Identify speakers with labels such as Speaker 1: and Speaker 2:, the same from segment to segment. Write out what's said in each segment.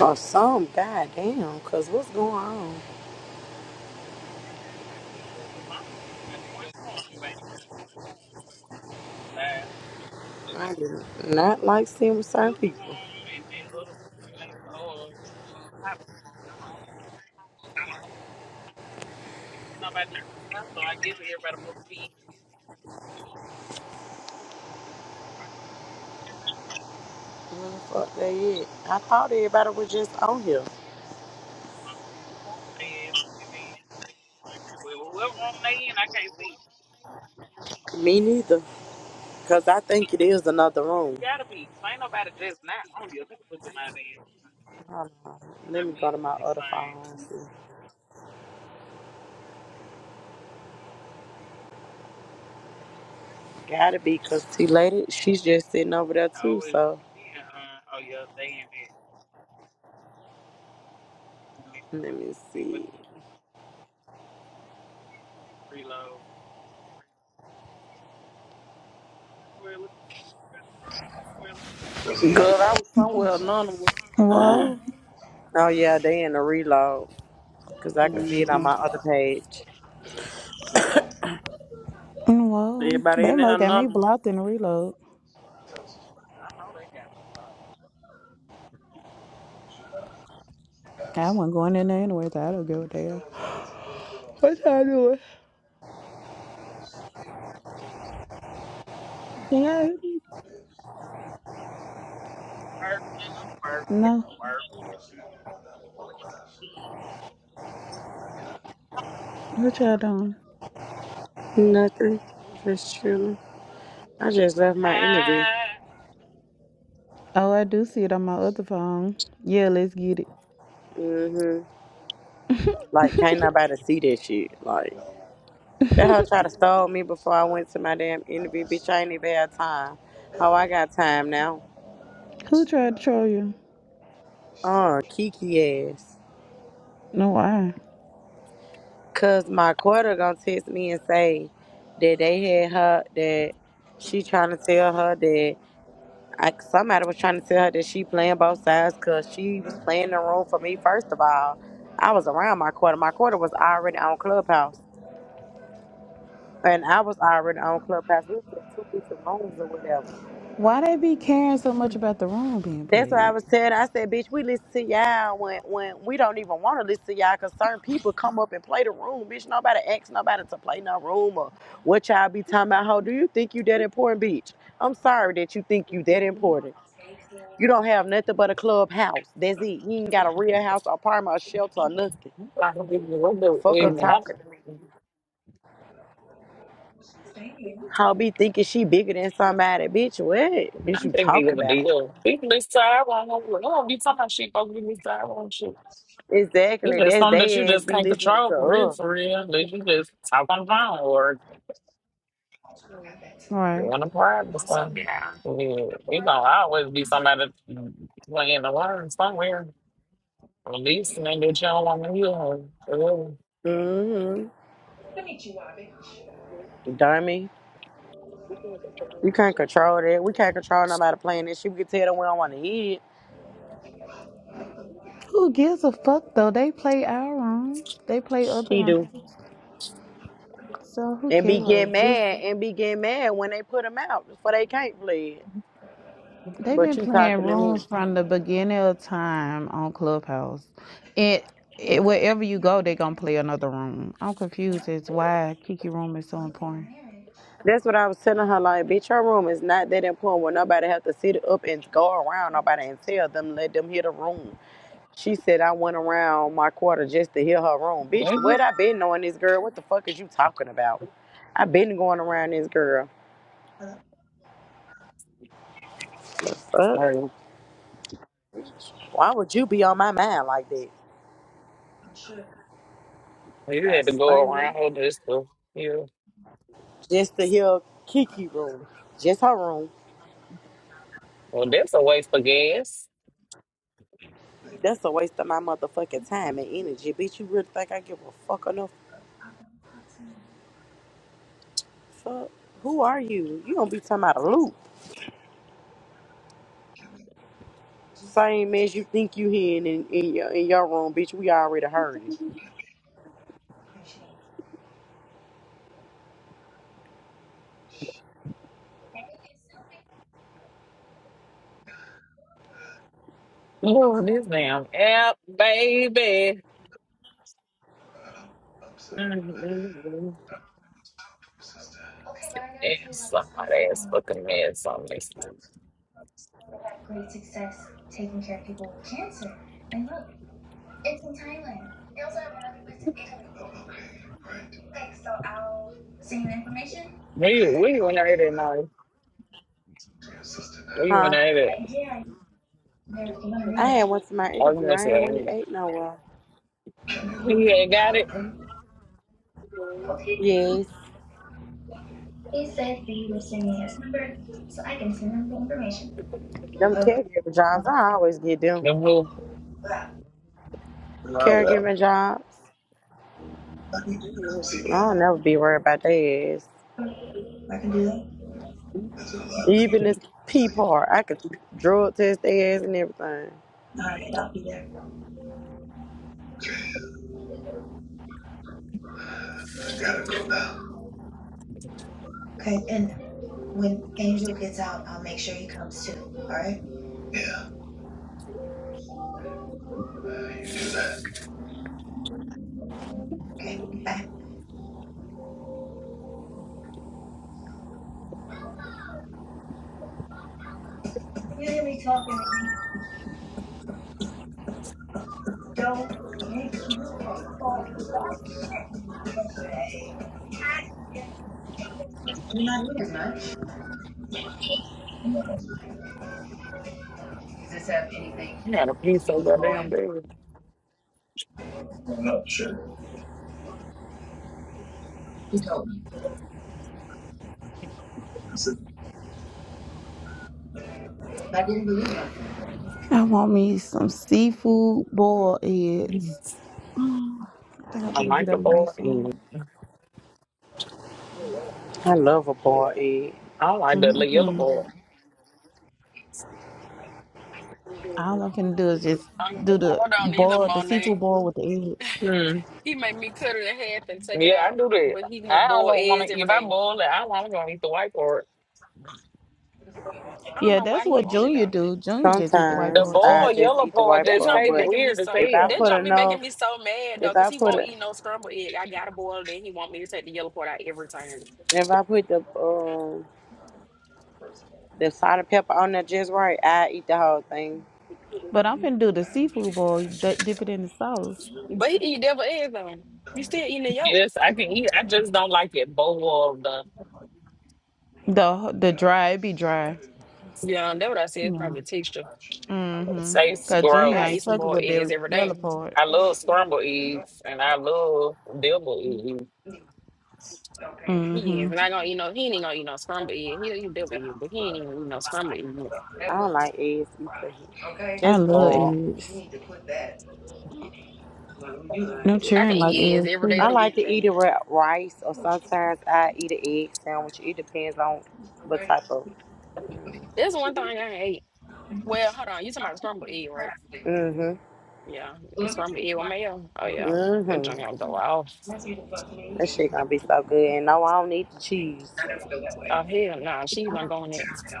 Speaker 1: Or some goddamn, cause what's going on? I do not like seeing with certain people. Where the fuck they at? I thought everybody was just on here. Me neither, cause I think it is another room. Hold on. Let me go to my other phone. and see. Gotta be, cause T lady, she's just sitting over there too. So let me see.
Speaker 2: Good. I was somewhere anonymous.
Speaker 3: Whoa,
Speaker 2: hmm
Speaker 1: Oh yeah, they in the reload, cause I can see it on my other page.
Speaker 3: Mm, whoa.
Speaker 2: Everybody
Speaker 3: They
Speaker 2: in there
Speaker 3: must got me
Speaker 2: anonymous.
Speaker 3: blocked and reload. I wasn't going in there anyway, so I don't give a damn. What y'all doing? Can y'all No. What y'all doing?
Speaker 1: Nothing, just chilling. I just left my interview.
Speaker 3: Oh, I do see it on my other phone. Yeah, let's get it.
Speaker 1: Mm-hmm. Like, can't nobody see that shit. Like, that hoe tried to stall me before I went to my damn interview. Bitch, I ain't even had time. How I got time now?
Speaker 3: Who tried to troll you?
Speaker 1: Uh, Kiki ass.
Speaker 3: No, why?
Speaker 1: Cause my quarter gonna text me and say that they had her, that she trying to tell her that I, somebody was trying to tell her that she playing both sides cause she was playing the role for me, first of all. I was around my quarter. My quarter was already on Clubhouse. And I was already on Clubhouse. We was in two different rooms or whatever.
Speaker 3: Why they be caring so much about the room being
Speaker 1: That's what I
Speaker 3: played?
Speaker 1: was saying. I said, bitch, we listen to y'all when, when we don't even want to listen to y'all because certain people come up and play the room. Bitch, nobody asks nobody to play no room or what y'all be talking about. How do you think you that important, bitch? I'm sorry that you think you that important. You don't have nothing but a clubhouse. That's it. You ain't got a real house or apartment or shelter or nothing.
Speaker 4: I think
Speaker 1: Fuck her
Speaker 3: If
Speaker 1: talking to me. How be thinking she bigger than somebody. Bitch, what is you
Speaker 4: big
Speaker 1: talk
Speaker 4: of a
Speaker 1: about?
Speaker 4: deal. People is tired on them. don't be talking about shit. Folks be this tired on shit. It's
Speaker 1: Exactly.
Speaker 4: just
Speaker 1: That's
Speaker 4: something that you
Speaker 1: they ass
Speaker 4: just
Speaker 1: be
Speaker 4: can't
Speaker 1: listening
Speaker 4: control
Speaker 1: to
Speaker 4: for real,
Speaker 1: us.
Speaker 4: for real. That you just talk on the phone or
Speaker 3: Right.
Speaker 4: run a private
Speaker 5: What's up,
Speaker 4: stuff.
Speaker 5: y'all?
Speaker 4: Yeah, it's gonna always be somebody playing the line somewhere. At least and then that you don't want to hear her. Really.
Speaker 1: Mm-hmm. Dummy. You can't control that. We can't control nobody playing that shit. We can tell them we don't want to hear it.
Speaker 3: Who gives a fuck though? They play our rooms. They play other
Speaker 1: He do.
Speaker 3: rooms. So who
Speaker 1: And be get
Speaker 3: cares?
Speaker 1: mad and be get mad when they put them out before they can't play it.
Speaker 3: They've
Speaker 1: But
Speaker 3: been
Speaker 1: you
Speaker 3: playing
Speaker 1: talking to me.
Speaker 3: rooms from the beginning of time on Clubhouse. It, it wherever you go, they're gonna play another room. I'm confused as why Kiki room is so important.
Speaker 1: That's what I was telling her. Like, bitch, your room is not that important where nobody have to sit up and go around nobody and tell them, let them hear the room. She said, I went around my quarter just to hear her room. Bitch,
Speaker 4: Mhm.
Speaker 1: what I been knowing this girl? What the fuck is you talking about? I been going around this girl. The fuck?
Speaker 4: Or
Speaker 1: Why would you be on my mind like that?
Speaker 4: You
Speaker 1: Not
Speaker 4: had to
Speaker 1: stun
Speaker 4: go around
Speaker 1: you.
Speaker 4: her just to hear.
Speaker 1: Just to hear Kiki room. Just her room.
Speaker 4: Well, that's a waste of gas.
Speaker 1: That's a waste of my motherfucking time and energy. Bitch, you really think I give a fuck enough? Fuck. Who are you? You don't be talking about a loop. Same as you think you hearing in, in your in your room, bitch. We already heard it.
Speaker 4: Oh, this damn app, baby. Mm-mm-mm. It's some hot ass fucking mess on this. We we went out there now. We
Speaker 1: Huh?
Speaker 4: went out there
Speaker 1: I had one to my interview.
Speaker 4: arguing
Speaker 1: I
Speaker 4: to
Speaker 1: ain't one eight
Speaker 4: anger.
Speaker 1: nowhere.
Speaker 4: We ain't got it.
Speaker 1: Yes. Them caregiver jobs, I always get them.
Speaker 4: The who? Well,
Speaker 1: Caregiver jobs.
Speaker 4: uh, you
Speaker 1: I don't never be worried about their ass. Even the P part, I could drug test their ass and everything.
Speaker 4: had a piece so goddamn big.
Speaker 3: I want me some seafood boiled eggs. Mm, I think I'm
Speaker 4: I
Speaker 3: gonna get
Speaker 4: like the
Speaker 3: up and make
Speaker 4: boy. Mm.
Speaker 3: some.
Speaker 1: I love a boiled egg.
Speaker 4: I like the little yellow
Speaker 3: Mm-hmm.
Speaker 4: boy.
Speaker 3: All I'm going do is just
Speaker 5: I
Speaker 3: do the
Speaker 5: don't either,
Speaker 3: boil, the seafood
Speaker 5: Monet.
Speaker 3: boil with the eggs.
Speaker 4: Hmm.
Speaker 5: He made me cut it in half and take it
Speaker 4: Yeah, I
Speaker 5: out,
Speaker 4: do that.
Speaker 5: but he want
Speaker 4: I
Speaker 5: boiled
Speaker 4: don't want
Speaker 5: eggs
Speaker 4: to.
Speaker 5: every
Speaker 4: If I
Speaker 5: day.
Speaker 4: boil it, I want to eat the white part.
Speaker 5: I don't
Speaker 3: Yeah,
Speaker 5: know why
Speaker 3: that's
Speaker 5: he
Speaker 3: what
Speaker 5: wanted
Speaker 3: Junior
Speaker 5: though.
Speaker 3: do. Junior just eat the white
Speaker 4: The
Speaker 1: Sometimes
Speaker 3: boil
Speaker 1: I
Speaker 3: too.
Speaker 4: boiled
Speaker 1: just
Speaker 4: yellow
Speaker 1: eat the
Speaker 4: part
Speaker 1: white
Speaker 5: That
Speaker 4: just
Speaker 1: part,
Speaker 5: jump be
Speaker 4: tastes
Speaker 1: but
Speaker 5: making me
Speaker 4: weird as
Speaker 5: so.
Speaker 1: if I
Speaker 4: hell.
Speaker 5: That
Speaker 1: put
Speaker 5: jump be
Speaker 1: enough,
Speaker 5: making me so mad though,
Speaker 1: if
Speaker 5: cause
Speaker 1: I
Speaker 5: he
Speaker 1: put
Speaker 5: won't
Speaker 1: a,
Speaker 5: eat no scrambled egg. I gotta boil it, and he want me to take the yellow part out every time.
Speaker 1: if I put the um the salt and pepper on there just right, I eat the whole thing.
Speaker 3: But I'm finna do the seafood boil, d- dip it in the sauce.
Speaker 5: But he eat devil eggs though. You still eating the yolk?
Speaker 4: Yes, I can eat. I just don't like it boiled. The
Speaker 3: The the dry, it be dry.
Speaker 4: it
Speaker 5: Yeah, that's what I said. It's
Speaker 3: Yeah.
Speaker 5: probably texture.
Speaker 3: Mm-hmm.
Speaker 4: tastes
Speaker 3: Cause
Speaker 5: Like,
Speaker 3: Junior
Speaker 5: I eat
Speaker 3: ain't
Speaker 4: gross.
Speaker 5: some
Speaker 3: fucking
Speaker 5: boiled
Speaker 3: with
Speaker 5: eggs
Speaker 3: that
Speaker 5: every
Speaker 3: yellow
Speaker 5: day.
Speaker 3: part.
Speaker 4: I love scrambled eggs and I love deviled eggs.
Speaker 5: He
Speaker 3: Mm-hmm.
Speaker 5: is, and I gonna eat no. He ain't gonna eat no scrambled egg. He'll eat devil egg, but he ain't even eat no scrambled egg.
Speaker 1: I don't like eggs either.
Speaker 3: I
Speaker 1: Just
Speaker 3: love
Speaker 1: boiled.
Speaker 3: eggs. I'm
Speaker 5: I can
Speaker 3: cheering like
Speaker 5: eat eggs
Speaker 3: eggs
Speaker 5: every day
Speaker 3: too.
Speaker 1: I
Speaker 5: of the
Speaker 1: like
Speaker 5: week,
Speaker 1: to eat it
Speaker 5: baby.
Speaker 1: with rice, or sometimes I eat an egg sandwich. It depends on what type of.
Speaker 5: That's one thing I hate. Well, hold on. You talking about scrambled egg, right?
Speaker 1: Mm-hmm.
Speaker 5: Yeah, and scrambled egg with mayo. Oh yeah, that
Speaker 1: mm-hmm.
Speaker 5: junk gonna go off.
Speaker 1: That shit gonna be so good. And no, I don't need the cheese.
Speaker 5: Oh hell, nah, she's not going next.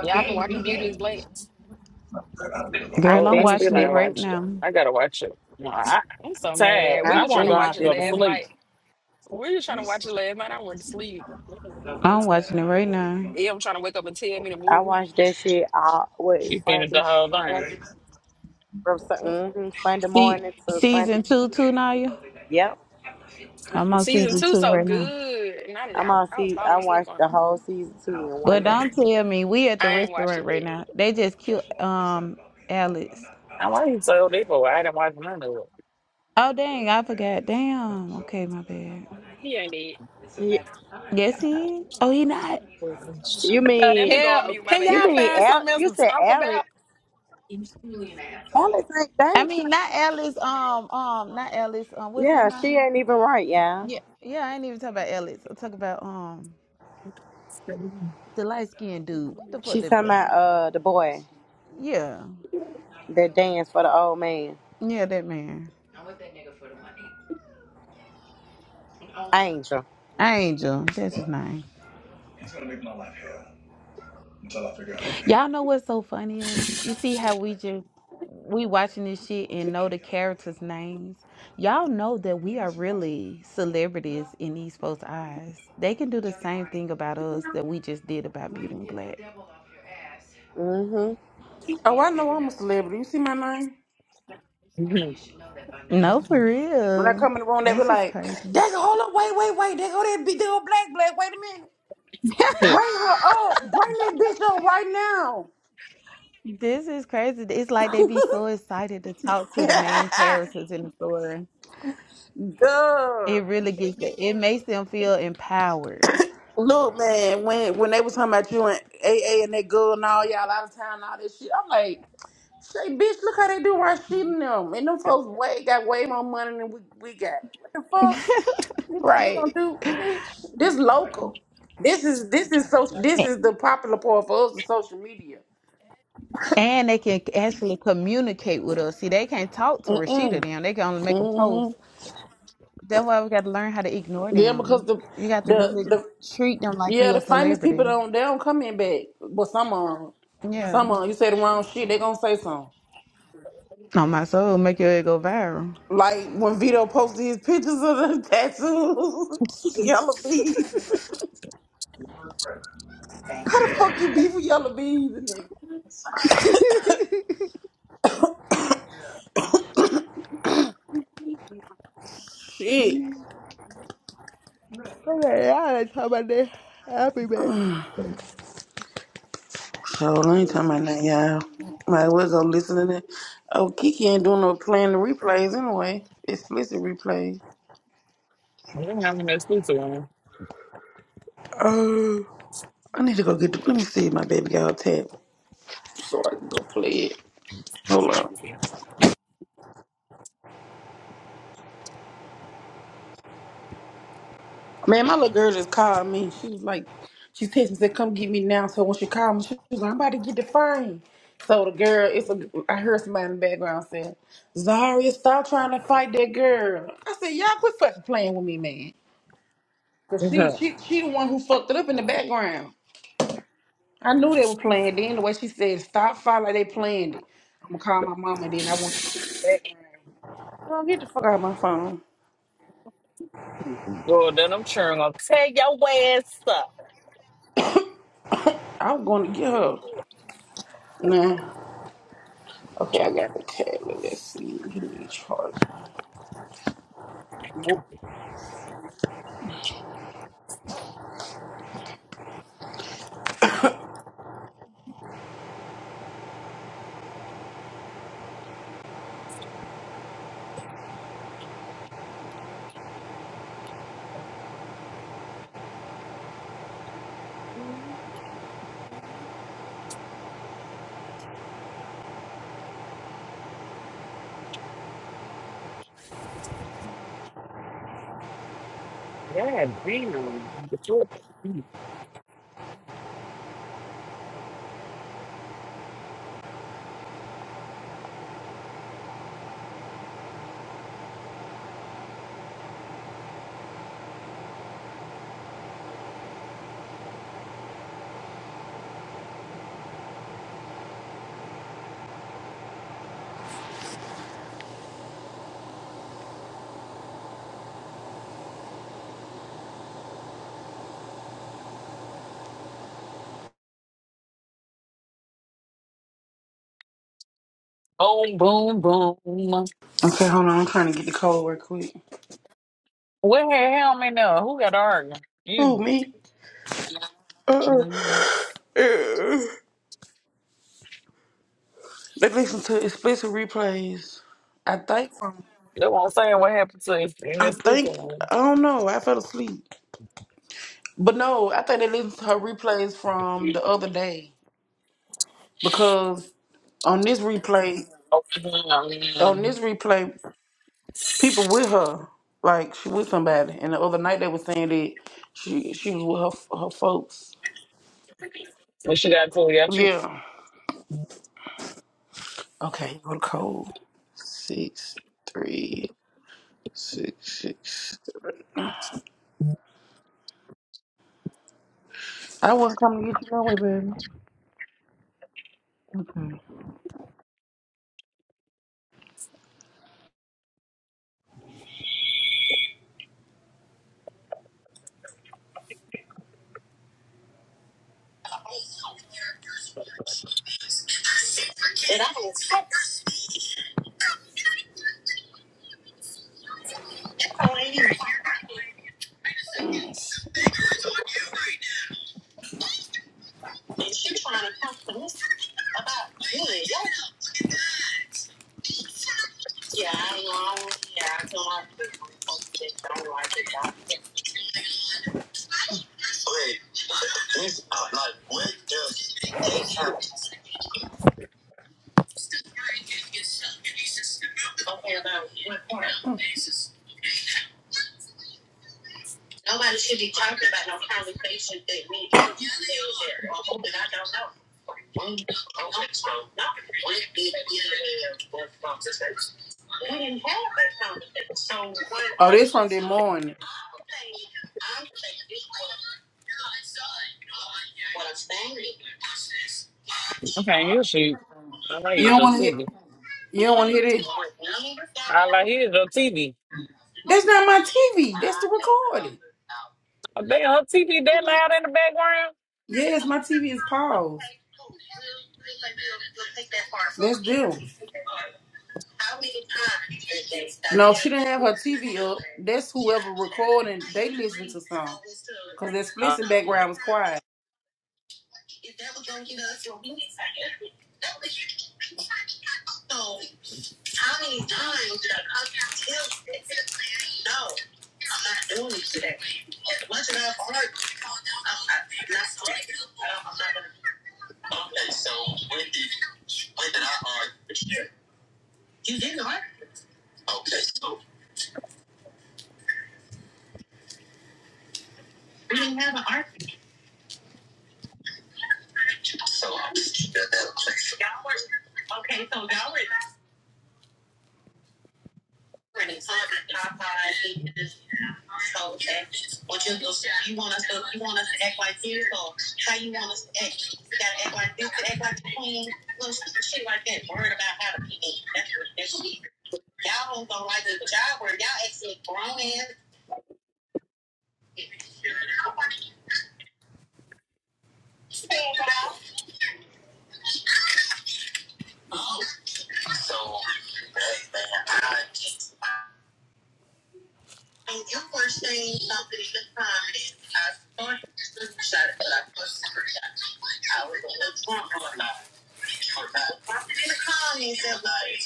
Speaker 5: Yeah, I've been watching Beauty is Black.
Speaker 1: I
Speaker 3: Girl,
Speaker 4: Oh,
Speaker 3: I'm
Speaker 4: I
Speaker 1: finished
Speaker 4: still
Speaker 3: watching it
Speaker 1: it.
Speaker 4: ain't
Speaker 3: right
Speaker 4: watched it.
Speaker 3: now.
Speaker 4: I gotta watch it. No, I, I'm
Speaker 5: I'm so
Speaker 4: tired.
Speaker 5: mad.
Speaker 1: I
Speaker 5: We
Speaker 4: I
Speaker 5: was
Speaker 4: want to
Speaker 5: trying to
Speaker 4: go out
Speaker 5: watch
Speaker 1: finished
Speaker 4: and
Speaker 5: it
Speaker 4: go
Speaker 1: it.
Speaker 4: to
Speaker 5: last
Speaker 1: Man.
Speaker 4: sleep.
Speaker 5: night. We was trying to watch it last night. I went to sleep.
Speaker 3: I'm watching it right now.
Speaker 5: Yeah, I'm trying to wake up and tell me to
Speaker 1: I
Speaker 5: move.
Speaker 1: watched that shit all what
Speaker 4: You finished the
Speaker 1: Sunday,
Speaker 4: whole thing.
Speaker 1: Sunday from Sun- mhm, Sunday
Speaker 3: See
Speaker 1: morning to Sunday.
Speaker 3: season
Speaker 1: e-,
Speaker 3: two too now
Speaker 1: Yep,
Speaker 3: I'm on
Speaker 5: Season
Speaker 3: season
Speaker 5: two
Speaker 3: two
Speaker 5: so
Speaker 3: right now.
Speaker 5: good, and I, did-
Speaker 1: I'm on
Speaker 5: I, I was
Speaker 1: season. I
Speaker 5: falling asleep
Speaker 1: watched
Speaker 5: on
Speaker 1: the
Speaker 5: it.
Speaker 1: whole season two in one
Speaker 3: But
Speaker 1: day.
Speaker 3: don't tell me we at the
Speaker 5: I ain't watched
Speaker 3: restaurant
Speaker 5: it
Speaker 3: right
Speaker 5: yet.
Speaker 3: now. They just killed um Alex.
Speaker 4: I why you so deep? I didn't watch none
Speaker 3: Oh dang, I forgot. Damn. Okay, my bad.
Speaker 5: He ain't dead.
Speaker 1: You,
Speaker 3: Yes, he. Oh, he not.
Speaker 4: of
Speaker 1: you
Speaker 5: Let me
Speaker 1: mean
Speaker 5: go on mute. My
Speaker 1: you
Speaker 5: bad.
Speaker 1: mean Al? You said Alex? Alex ain't
Speaker 3: I mean,
Speaker 1: dangerous.
Speaker 3: not Ellis. Um, um, not Ellis. Um, what's his
Speaker 1: Yeah, she
Speaker 3: name?
Speaker 1: ain't even right, y'all.
Speaker 3: Yeah, yeah. I ain't even talking about Ellis. I'm talking about um
Speaker 4: it.
Speaker 3: the light skinned dude. What the fuck
Speaker 1: She
Speaker 3: that
Speaker 1: talking
Speaker 3: boy
Speaker 1: about
Speaker 3: name?
Speaker 1: uh the boy
Speaker 3: Yeah,
Speaker 1: that danced for the old man,
Speaker 3: yeah, that man.
Speaker 1: Angel.
Speaker 3: Angel. That's his name. Y'all know what's so funny is you see how we just we watching this shit and know the characters' names. Y'all know that we are really celebrities in these folks' eyes. They can do the same thing about us that we just did about Beauty and Black.
Speaker 1: Mm-hmm.
Speaker 2: Oh, I know I'm a celebrity. You see my name?
Speaker 3: No, for
Speaker 2: When I
Speaker 3: real.
Speaker 2: come in the room, they be
Speaker 3: This is
Speaker 2: like, "They
Speaker 3: crazy.
Speaker 2: go, hold up, wait, wait, wait. They go that big, they go black, black. Wait a minute.
Speaker 4: I'm
Speaker 2: Bring her up. Bring that bitch up right now."
Speaker 3: This is crazy. It's like they be so excited to talk to the main characters in the story.
Speaker 2: Good.
Speaker 3: It really gets it It makes them feel empowered.
Speaker 2: Look, man, when when they was talking about you and AA and that girl and all y'all out of town and all this shit, I'm like, Say, bitch, look how they do Rashid and them. And them folks way got way more money than we, we got. What the fuck? You think they gonna
Speaker 3: Right.
Speaker 2: do, bitch? This local. This is this is so this
Speaker 3: A-
Speaker 2: is the popular part for us the social media.
Speaker 3: And they can actually communicate with us. See, they can't talk to Rashida
Speaker 2: Mm-mm.
Speaker 3: them. They can only make a post.
Speaker 2: Mm-hmm.
Speaker 3: That's why we got to learn how to ignore
Speaker 2: Yeah, because
Speaker 3: them.
Speaker 2: the
Speaker 3: You got to
Speaker 2: the
Speaker 3: really
Speaker 2: the
Speaker 3: treat them like
Speaker 2: yeah,
Speaker 3: you
Speaker 2: the
Speaker 3: a
Speaker 2: famous people
Speaker 3: celebrity.
Speaker 2: don't they don't come in back. But some of 'em-
Speaker 3: Yeah.
Speaker 2: some of 'em, you say the wrong shit, they gonna say something.
Speaker 3: On my soul, make your head go viral.
Speaker 2: Like when Vito posted his pictures of the tattoos, yellow bees. How the fuck you beef with yellow bees? Shit.
Speaker 3: okay, y'all ain't talking about that. I'll be back.
Speaker 2: So on, ain't talking about that, y'all. Might as well go listen to that. Oh, Kiki ain't doing no playing the replays anyway. Explicit replays.
Speaker 4: have an excuse, one.
Speaker 2: Oh, I need to go get the. Let me see my baby girl her so I can go play it. Hold on. Man, my little girl just called me. She was like, she texted me, said, come get me now. So when she called me, she was like, I'm about to get the phone. So the girl, it's a, I heard somebody in the background saying, Zaria, stop trying to fight that girl. I said, y'all quit fucking playing with me, man. Cause she she she the one who fucked it up in the background. I knew they were playing. Then the way she said stop fight like they planned it. I'm gonna call my mama. Then I want you to be in the background. Oh, get the fuck out of my phone.
Speaker 4: Well, then I'm sure I'm gonna tear your ass up.
Speaker 2: I'm gonna get her. Nah. Okay, I got the tablet. Let's see. Give me a charge. Nope.
Speaker 4: Yeah, damn. Get you a- Boom, boom, boom.
Speaker 2: Okay, hold on. I'm trying to get the code real quick.
Speaker 4: What the hell, man? Now? Who got to argue? You.
Speaker 2: Who me?
Speaker 4: Mm.
Speaker 2: They listen to explicit replays. I think from.
Speaker 4: That's what I'm saying. What happened to you in
Speaker 2: I
Speaker 4: this pizza
Speaker 2: think
Speaker 4: one?
Speaker 2: I don't know. I fell asleep. But no, I think they listened to her replays from the other day. because on this replay,
Speaker 4: Oh,
Speaker 2: on this
Speaker 4: man.
Speaker 2: replay, people with her, like she with somebody. And the other night they were saying that she she was with her her folks.
Speaker 4: What she got for you? She
Speaker 2: Yeah. Okay. Go to code six three six six. I wasn't coming to get you anyway, baby.
Speaker 6: And I was so angry. And she trying to talk to me about you and your Yeah, I know. Yeah, I don't like it. I don't like it. I don't like it. Wait, this, uh, like, what does this happen? Okay, about what part? Nobody should be talking about no conversations that need to be there or open. I don't know. Mm, okay, so we did get a conversation. We didn't have that conversation. So what? Oh, this from the morning. I'm saying, I'm saying this what, what I'm saying is, You don't want to.
Speaker 4: TV.
Speaker 6: You don't want to hear this.
Speaker 4: All I hear is your TV.
Speaker 6: That's not my TV. That's the recording. Yes, my TV is paused. Let's Bill. No, she didn't have her TV up. That's whoever recording. They listen to song. Cause that explicit background was quiet. Okay, so when did when did I argue? You didn't argue. Okay, so we didn't have an argument. So I was that that place. Y'all were okay. So y'all were were in the club at Popeye. So okay, what you you want us to you want us to act like this or how you want us to act? You gotta act like this, act like the queen, little shit like that. Worried about how to be. That's what that's. Y'all don't like the job where y'all actually grown ass Oh, so that, that I just And you were saying something at the time, and I thought you shot it, but I thought you were shot. I was a little drunk or not. Something in the comments that was.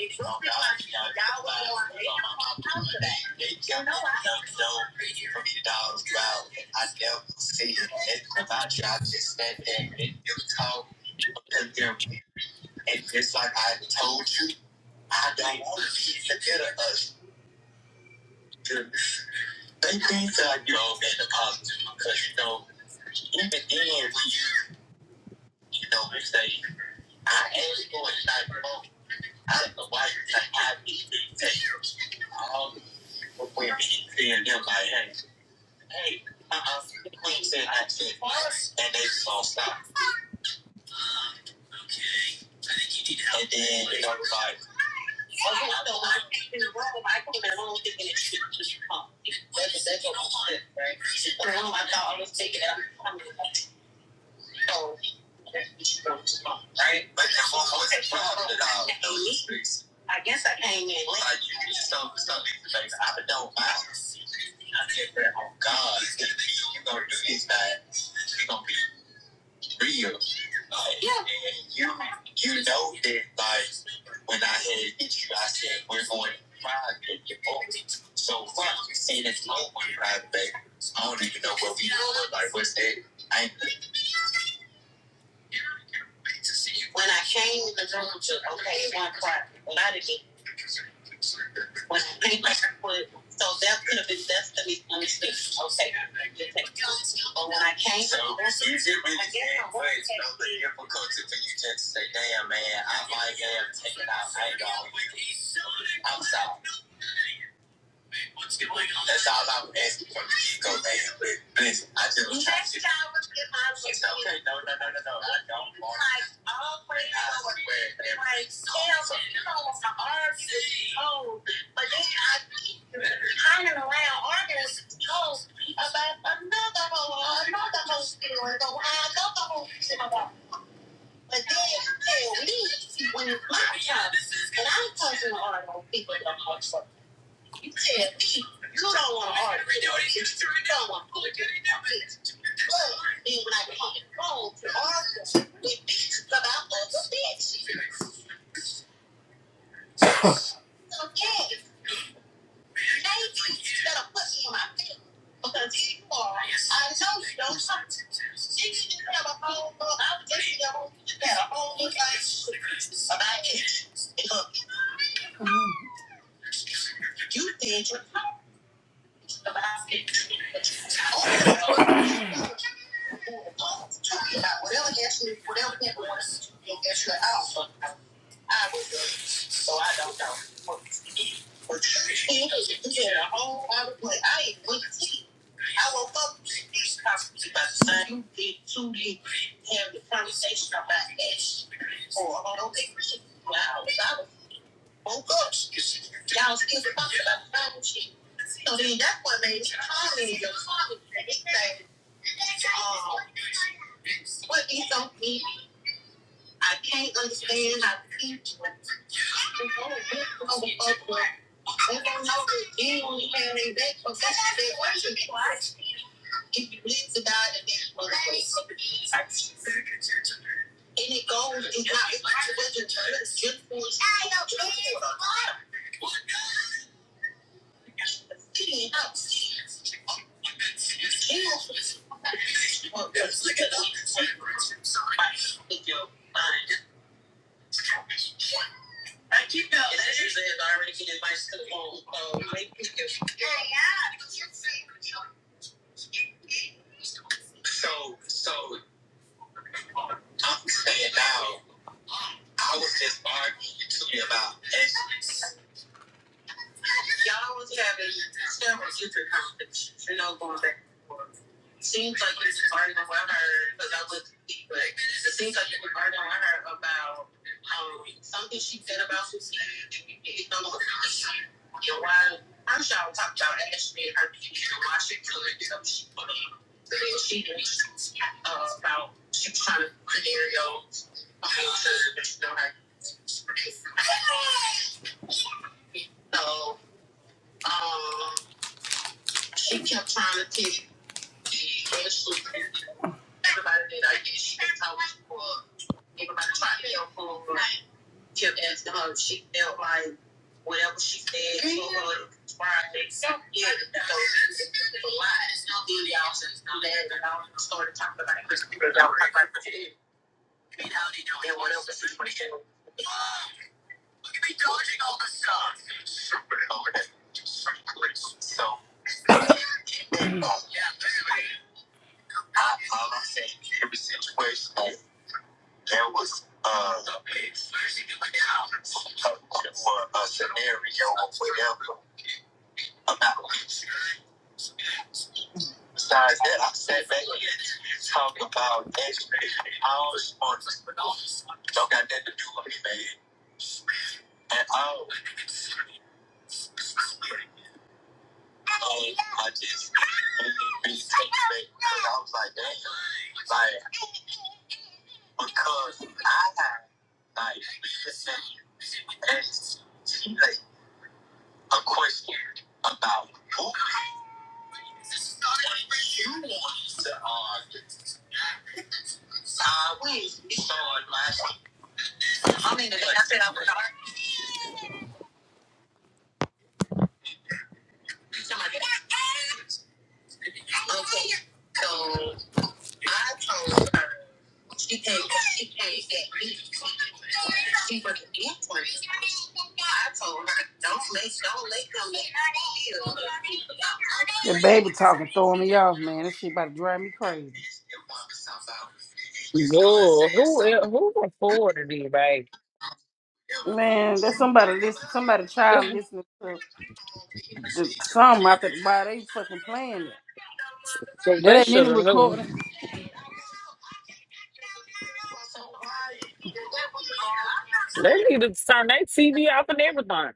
Speaker 6: It was like, y'all were on it. You know, I don't know. for me dollars, wow. I never see it. It's about you. I just stand there and you talk to them. And just like I told you. I don't want to see it together us. They think that you're all being a positive because you know, even then when you you know, we say I asked for it not broke. I don't know why you think I need to take all the people women seeing them like, hey, hey, uh uh Queen said I said and they just all stop. And then you know, everybody I guess I came in late. I've been doing my I get there on God. You gonna do this night? You gonna be? real. Like, yeah. And you, you know that, like, when I had hit you, I said, we're going private at the So, far you see, it's no one private, baby. I don't even know what we doing. Like, what's that? I ain't looking to see you. When I came in the room to, okay, it went private. When I didn't get when I came with, so that could have been that's the misunderstanding. Okay, But when I came, so, to the so you did really can't wait. It's the difficulty for you just to say, "Damn, man, I might have taken out. I ain't going. I'm sorry." What's going on? That's all I was asking for the get go, man. But listen, I just was trying to. Next time It's okay. No, no, no, no, no. I don't want it. Like, always going. Like, hell, you know, my arms is cold. But then I keep hanging around artists goes about another whole, another whole story. So I know the whole shit about. But then, hell, me, when it's my time, and I'm talking to all those people that I'm talking to. You tell me you don't want to argue, but when I call to argue with you about a bitch, yeah, maybe you gotta put me in my place because here you are, I know you don't. She didn't have a home, I was taking her home, she had a whole bunch of shit about it. Look, you think? you're talking. Whatever gets me, whatever people want to do, you'll get you out. I would do it, so I don't know. But you get a whole lot of money. I ain't with the tea. I woke up these conferences about the same thing, too. They have the conversation about this. Or I don't think we should. Wow, I woke up. Y'all still talking about the Bible shit. So then that's what made me call me um, what these don't mean. I can't understand how people who don't get no fuck with, they don't know the deal we have in back for such a big question. If you live to die, then it's one place. And it goes, it's not, it's not just a turn. it's just for, just for the Lord. He didn't help. I keep out letters that have already been advised to the phone. Oh, maybe you can. So, so I'm saying now, I was just arguing to me about ethics. Y'all was having several future conferences, you know, going back and forth. Seems like you was arguing with her, because I was but it seems like you were arguing with her about um, something she said about Susie. You know, and why, I'm sure I was talking about Ashley and her people, and why she couldn't do what she put in. And then she, was uh, about, she was trying to scenarios, um, to, you know, her. So, um, she kept trying to take the issue. Everybody that I guess she was talking for, everybody tried to help her, like, kept asking her. She felt like whatever she said to her was right. So Yeah, so it's a lot. It's no good, y'all. Since I'm mad, and I started talking about it, y'all talking about the and whatever situation. Lording all stuff. Super hard. So, yeah, I, all i every situation. There was uh, for a scenario or whatever about. Besides that, I sat back and talked about extra all sports. Don't got nothing to do with me, man. At all. And I just really really take back because I was like, damn, like because I like just asked like a question about who. I I I I said I mean, said Okay, so told told her her she she She can't, can't me. me was different. I told her, don't let, don't let them make, me feel. The baby talking, throwing me off, man. This shit about to drive me crazy.
Speaker 4: Yo, who el- who afforded it, baby?
Speaker 6: Man, that's somebody listen somebody child listening to the song out there why they fucking playing it.
Speaker 4: Well, they
Speaker 6: That ain't
Speaker 4: should
Speaker 6: any
Speaker 4: have known.
Speaker 6: recording.
Speaker 4: They needed to turn their TV off and everything.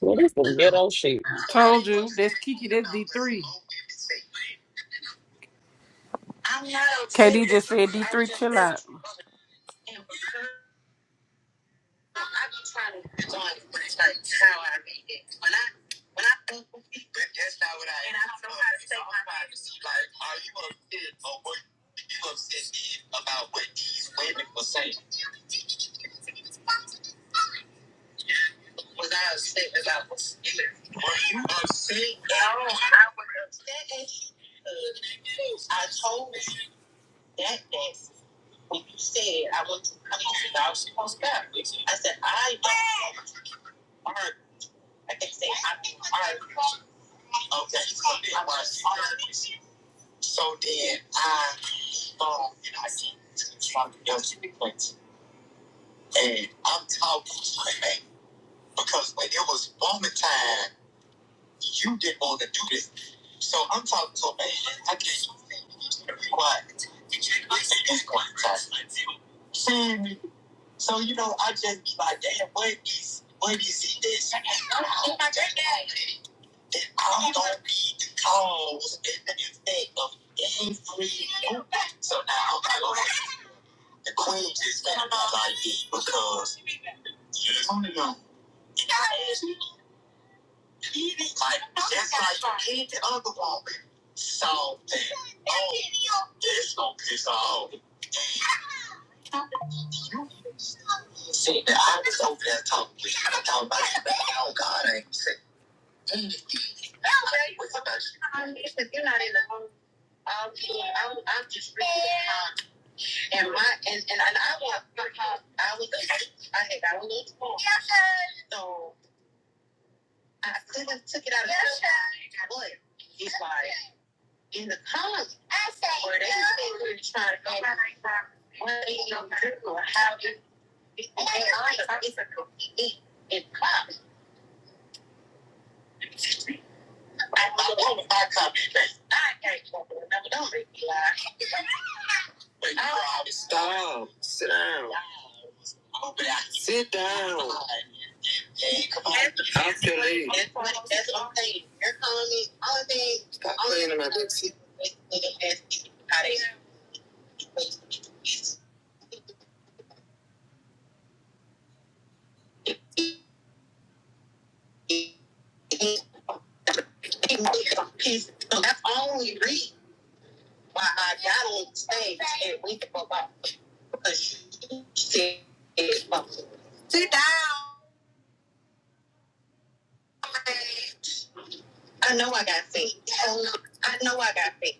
Speaker 4: What is the ghetto shit?
Speaker 6: Told you, that's Kiki, that's D three. KD just said D3, chill out. I be trying to respond when it's like how I read it. When I when I think of it, but that's not what I. And I don't know how to say my privacy. Like, are you upset or were you upset about what these women were saying? Was I upset about what's in it? Were you upset? No, I was upset as you could. I told you that day. when you said I want to come to you, I was supposed to I said, I don't want art. I can say I do art. Okay, so then I was art. So then I thought and I can something else in the place. And I'm talking to my man because when it was moment time, you didn't want to do this. So I'm talking to a man. I can't do this. you need to be quiet. It's quiet time. See me? So you know, I just be like, damn, what is what is it that's that I don't be the cause and the effect of every move? So now I'm like, okay, the queen just got about like it because you don't know. Like just like you did the other woman. So oh, this gonna piss off. You see, I was over there talking, I talking about, it. oh God, I ain't saying Um, he said, you're not in the home. Um, team. I, was- I'm just reading the time. And my, and, and, I was, I was, I had got a little small. So I took it, took it out of the But it's like, in the comments where they were trying to go, what they do or how they, it's, it's a cookie eat and pop. That's my woman, my confidence. I can't fucking remember. Don't make me lie. But you promise. I'm going That's that's what i You're calling me all day. This is this nigga has Peace. So that's only reason why I got on stage and we can go back because she said, "Sit down." I know I got saved. I know I got saved.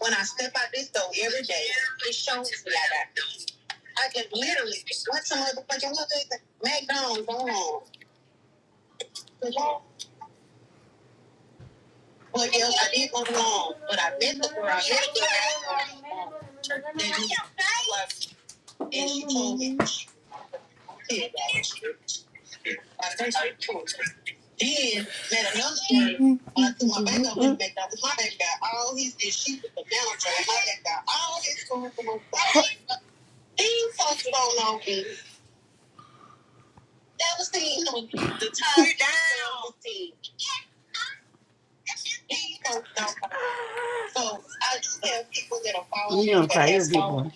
Speaker 6: When I step out this door every day, it shows me I got saved. I can literally went to motherfucking what is it? McDonald's go on. Well, yeah, I did go wrong. Then met another girl. When I threw my back up with McDonald's, my baby got all his and she was the manager. and My baby got all his food from my He fucked on me. That was the the time down. He goes down. Thing. So I just tell people that are following me. You don't try your people.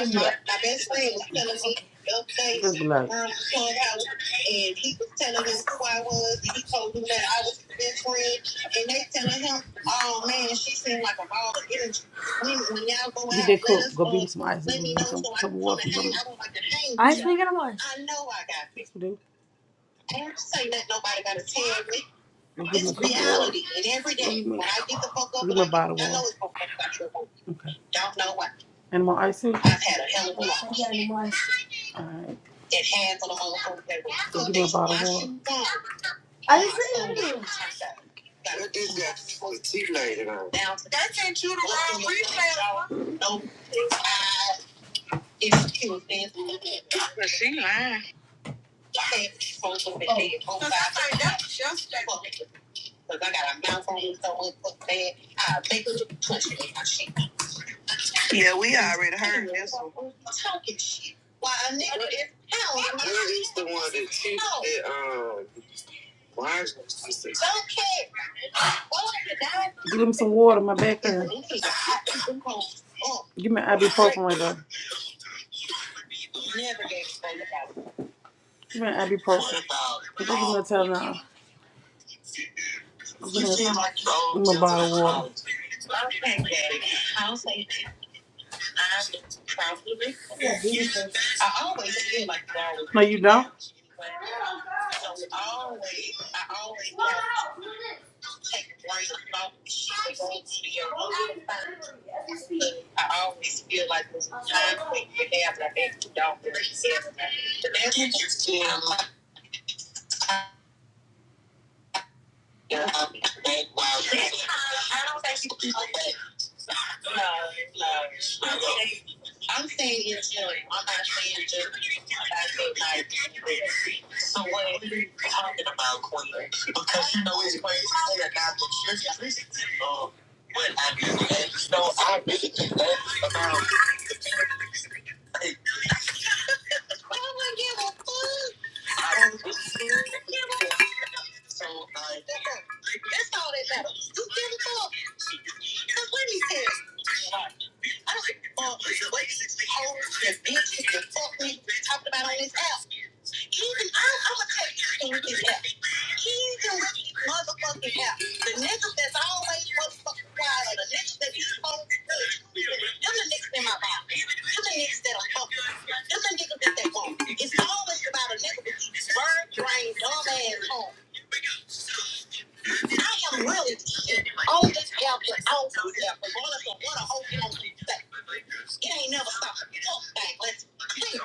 Speaker 6: My, my, my best friend was telling me the other day, Good luck. um, Clubhouse, and he was telling him who I was. and He told him that I was his best friend, and they telling him, "Oh man, she seemed like a ball of energy." When, when y'all go out, let did cook. us Go beat some ice. Let me know some, so I can come and hang. I don't like to hang. I Ice y'all. I know I got people. Yes, we do. I ain't gonna say that nobody gotta tell me. It's reality. And every day when I get the fuck up, give me a like, bottle I know it's gonna fuck up. Okay. Don't know why. And more ice I've had a hell of a. All right. It hands on the motherfucker. that was- So Give me a bottle of water. What is that? Down to the no, it's eyes, it's cute, man. Savage from the bed. Oh, fuck it. 'Cause I got a mouth on me, so much fuck bad. I make her punch it in my shit. I'm Talking shit. Why a nigga is hell. Don't care. Oh, you give him some water, my back hurt. Give me ibuprofen right there. Give me ibuprofen. Give me a Tylenol. Give me a bottle of water. Okay, Daddy. I'll say I'm probably. I always feel like I always. No, you don't. So always, I always take a brain of thought. I always feel like don't think she cares. No, no. I'm saying it's just, I'm not saying just about like talking about Kourtney because you know he's crazy and now that she's out, so I'm just talking about. I wouldn't give a fuck. So I. That's all that matters. You give it up. That's what he said. I don't like oh, wages, hoes, the bitches, the fuck we talking about on this app. Even I, I'm gonna tell you this app. He's the motherfucking hell. The niggas that's always motherfucking quiet or the niggas that you supposed to push, them the niggas in my body. Them the niggas that I'm fucking. Them the niggas that they want. It's always about a nigga with these bird brain dumb ass home. I am really on this app and on this app, regardless of what a whole young people say. It ain't never stopped. Fuck that, let's clear.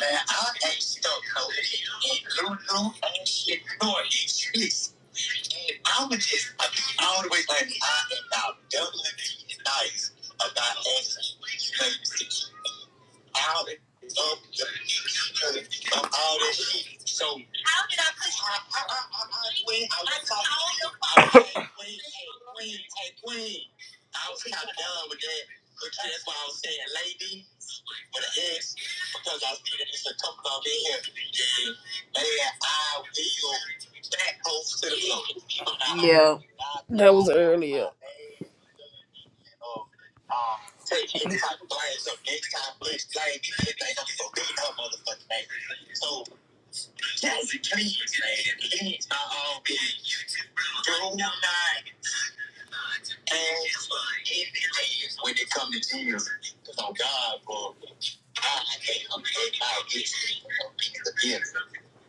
Speaker 6: Man, I ain't stuck no Lulu and shit, nor excuse. I'm just, I be all the way like, I am now doubly nice about asking you ladies to out of the of all that shit. So how did I push I, I, I, I, I, queen, I was talking I was like, queen, hey, queen, hey, queen. I was kind of done with that. But that's why I was saying lady with an S because I see that it's a couple of in here. And man, I will back post to the floor. Yeah. That was earlier of um, taking any type of blame. So next time, please blame me. Everything gonna be so good in her motherfucking name. So, Kelsey, please, man, please, by all means, do not ask for anything when it comes to Jesus. Because on God, bro, God I can't forget my history of being the bitter.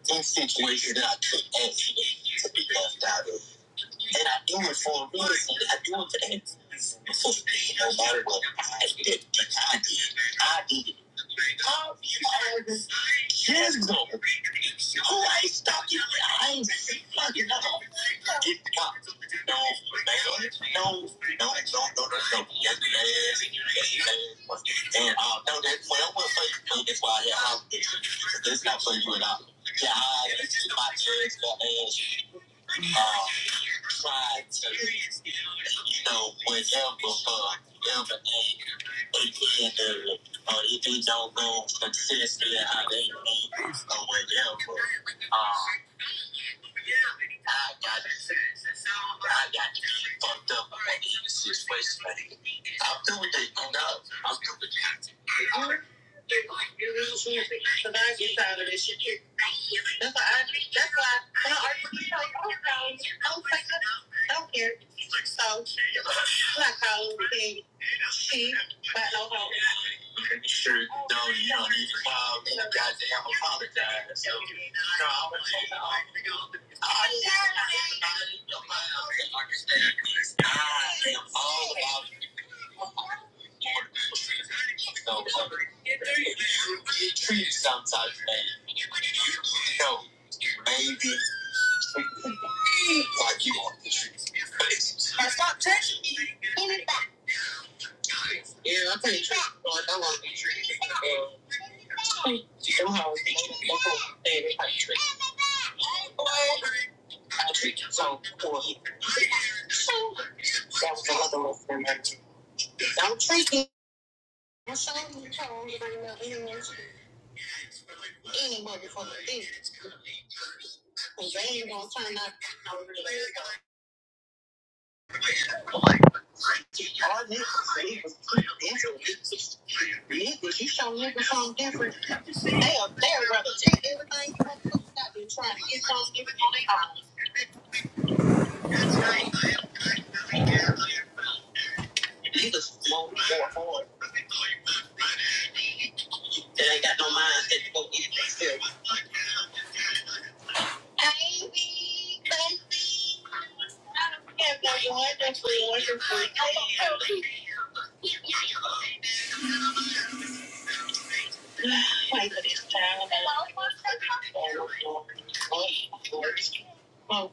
Speaker 6: In situations that I took action to be left out of. And I do it for a reason. I do it for that. So no matter what I did, I did, I did it. How because years ago, who I stopped you with, I ain't fucking up. Get popped. No, no, no, no, no, no, no, no. Yes, yes, yes. And uh, no, that's well, well, for you. No, That's why I have this. This is not for you and I. Yeah, I, my kids, my ass. uh, tried to, you know, whatever for everything they can do, or if it don't go successfully how they need or whatever. Um, I got I got to be fucked up about any situation. I'm doing it, you know. I'm doing it. That's why I, agree. that's why when I argue with you, like, oh, no, I don't like that. I don't care. So, I'm not calling to say she, but no hope. Sure, no, you don't need to file. You goddamn apologize. No, I'm gonna take it off. I am all about no, you treated sometimes, man. No, maybe Why you on the streets? Now stop touching me. Give me back. Yeah, I'll tell you I want these trees. Um, somehow, people say they can't be local, they ain't like trees. Boy, I treat you so poor. That was the other one for me. Don't treat me. I'm sorry, you told me about any motherfucking thing. 'Cause they ain't gonna turn out. All this is niggas, you show niggas something different. They are there, brother. Take everything you want to put trying to get something, give it on their own. Niggas won't go forward. They ain't got no mind that they go get it themselves. Ivy, Clancy, I don't have no wonderful, wonderful day. Wait for this time. Oh, Lord. Oh, Lord. Oh, Lord.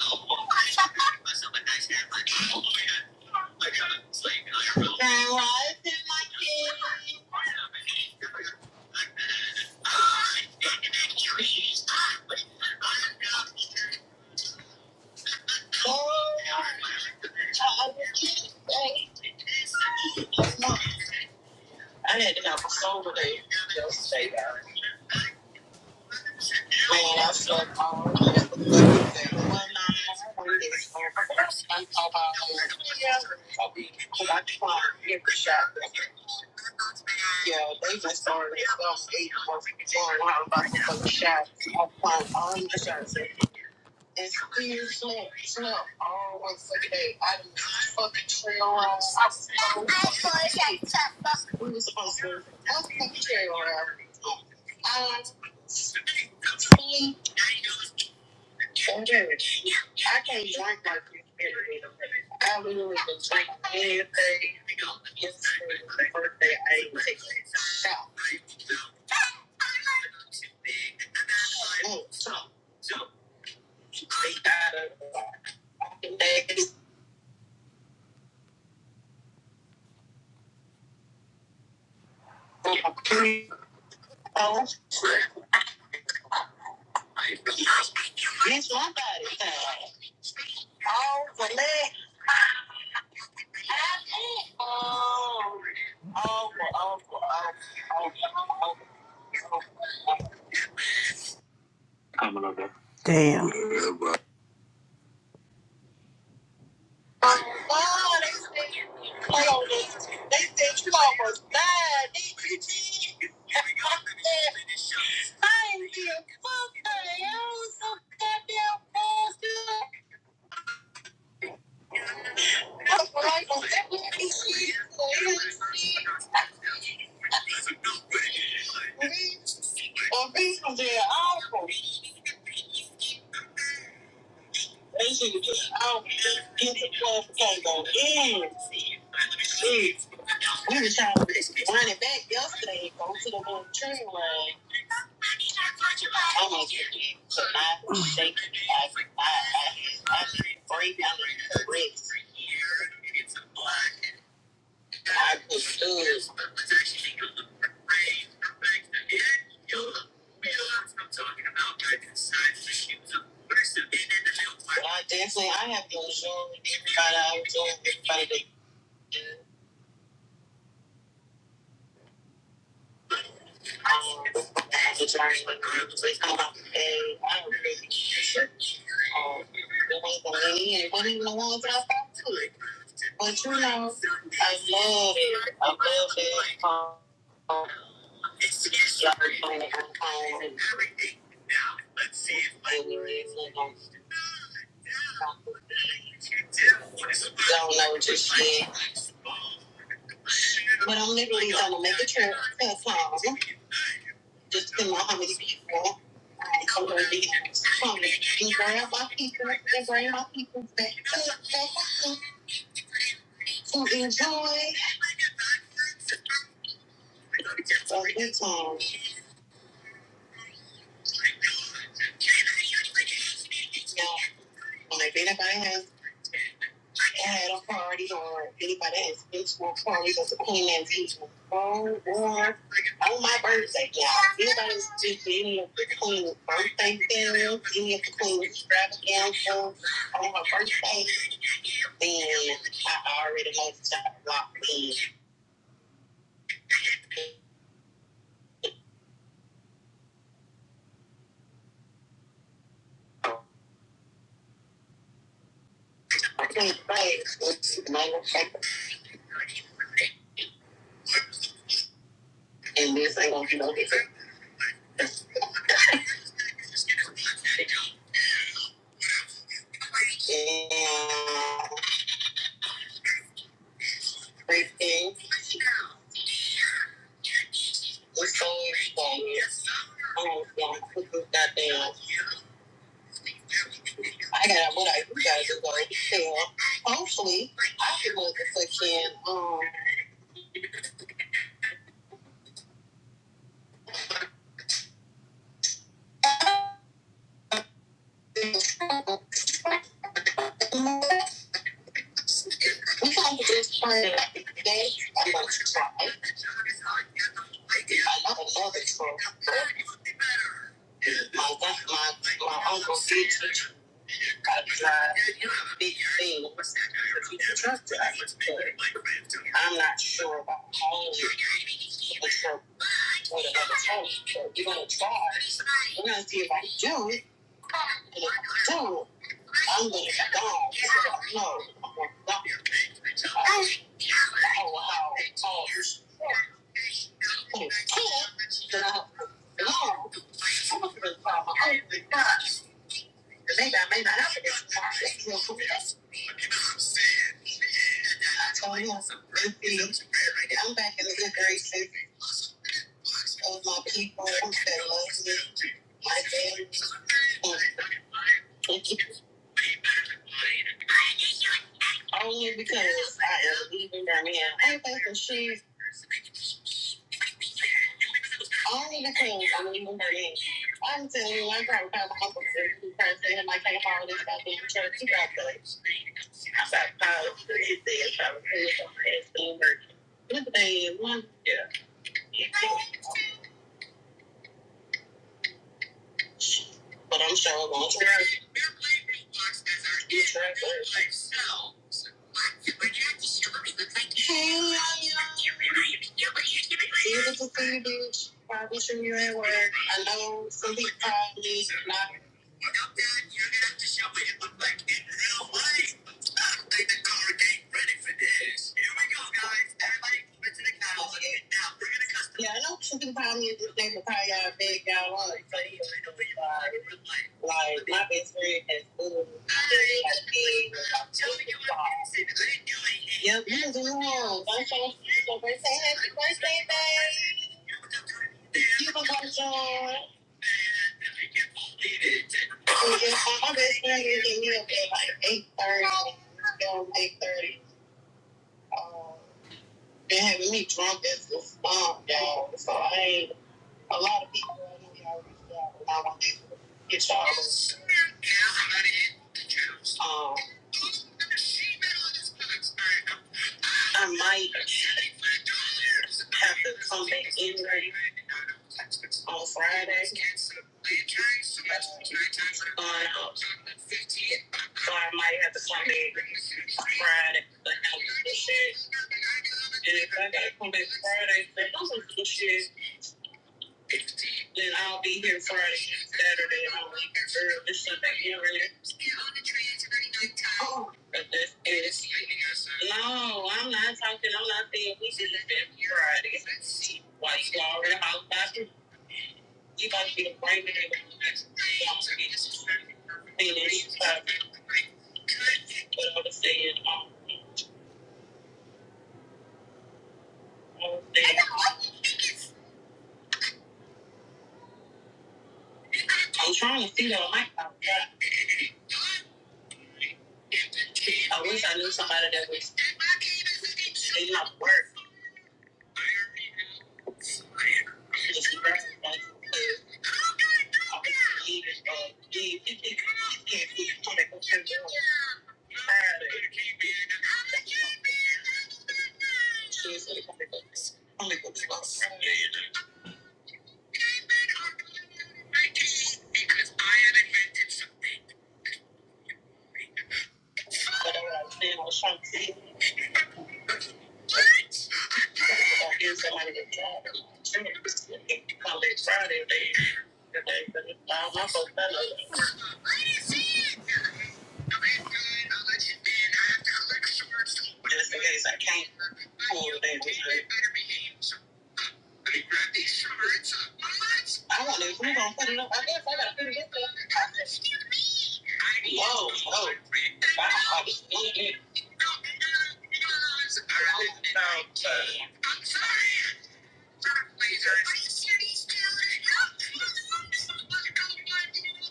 Speaker 6: Oh, Lord. Now I feel my kid. Oh, child, thank you. I had to have a sober day yesterday, though. Man, I slept all day. One night, one day, I'm talking about a week. Cause I tried every shot. Yeah, they just started at 8, 4, 4, and I was about to go to the shot. I tried all my shots. It's weird, so it's not all one fucking day. I do fucking trail runs. I fucking We were supposed to have fucking trail runs. Um, me and Jared. I can't drink like this every day. I literally been drinking every day. Yesterday, my birthday, I ate six shots. Mm. Eight days old. Bitch, my body. Oh, for that. Oh, oh, oh, oh, oh, oh. Damn. Oh, they said, hold on, they they said you almost died, didn't you, G? I ain't feel fuck honey. I was so goddamn fast. That's what I was like, oh, that was shit. Police shit. Police and people, they're awful. They should just out get the motherfucking go in. Shit, we were trying to run it back yesterday, go to the little tree line. I'm gonna get it. So I think I, I, I, I should break down the bricks. I just do it. I definitely, I have to assume everybody I was doing, everybody they do. Um, the time, like, they come out, and I don't really care. Um, it ain't gonna end. It wasn't even the ones that I thought to it. But you know, I love it. I love it. Y'all doing it on time and don't know just yet. But I'm literally gonna make a trip to Atlanta. Just depending on how many people I come to be from. And grab my people and bring my people back to back home to enjoy a good time. Now, if anybody has I had authority or anybody has mutual authority as a queen and people. Oh, or on my birthday, y'all. Anybody's just any of the queen's birthday things, any of the queen's extravaganza on her birthday, then I already know it's time to lock in. I can't say it's my birthday, and this ain't gonna be no different. And everything was so, um, yeah, I was, yeah, I was goddamn I got what I you guys are going to share. Hopefully, I can go to freaking, um, we got to just plan today. I'm going to try. I love it so I am got to try big things. Trust that I just put it. I'm not sure about all of it, but so with another time, so you're going to try. We're going to see if I can do it. And if I do, I'm going to go. No, I'm going to go. I don't know how tall you are. I God, some of the problem, I didn't think God, because they got me, not have to get some problem. I told him, he looked like I'm back in the good graces of my people that loves me, my family, only because I am leaving Birmingham. I ain't taking shoes, only because I'm leaving Birmingham. I'm telling you, I'm tired of having to go to church every day. I'm tired of being crazy and trying to push my head through the curtain. One day, one year. But I'm sure we're going to Hey, Lanya. Beautiful for you, bitch. Probably sure you're at work. I know some people call me, not Yeah, I know some people call me, they can call you big, y'all want it. So, you know, like, like, my best friend has booed. like, like, Yep, you do. Don't show- don't you? say happy birthday, babe. You can go join. We just, my best friend usually meet up at like eight thirty, um, eight thirty. Um, been having me drunk as a stump, y'all. So I ain't, a lot of people I know y'all reached out, and I want to get y'all. Um, I might have to come back in on Friday. on so much on um, fifteen. I might have to come back Friday, but I was shit. And if I gotta come back Friday, then those are good shit. Then I'll be here Friday, Saturday, and I'll leave early Sunday, you really. But that's it. No, I'm not talking, I'm not saying we should have been Friday. Why you already out by the You got to be the primary sponsor. You just finish. uh, But I was saying, um, I am trying to figure out my problem. I wish I knew somebody that was they not work. Just like, I was leaving, uh, leave. It- it- So it's like comic books- comic on Sunday. But, uh, then I was trying to see I hear somebody to drive them. Somebody was college Friday. They Just in case I can't pull that. I wonder if we gonna put it up. I guess I gotta put it up there. Whoa, whoa. Wow, this is good.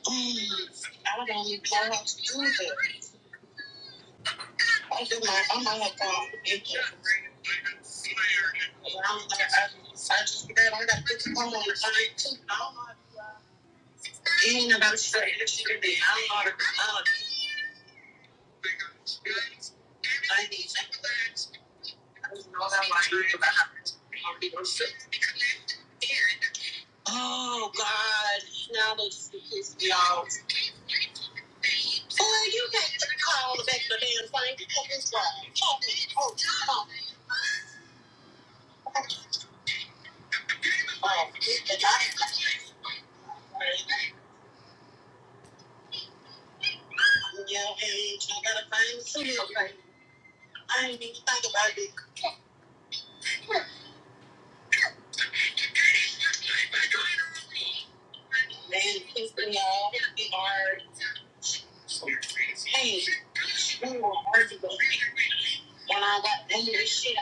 Speaker 6: Mm, I don't even know how to do that. I do my, I might have gone to go you. I just forgot I gotta put some on the side too. Ain't nobody say that she did. I don't know. how to Oh God! Now they see his y'all. Boy, you can't even call the back for damn thing. Look at this guy. Oh, oh, oh. Oh, the guy. Yeah, hey, I gotta find some help. right? I ain't even think about it. And since we all are, hey, we were arguing. When I got into this shit, I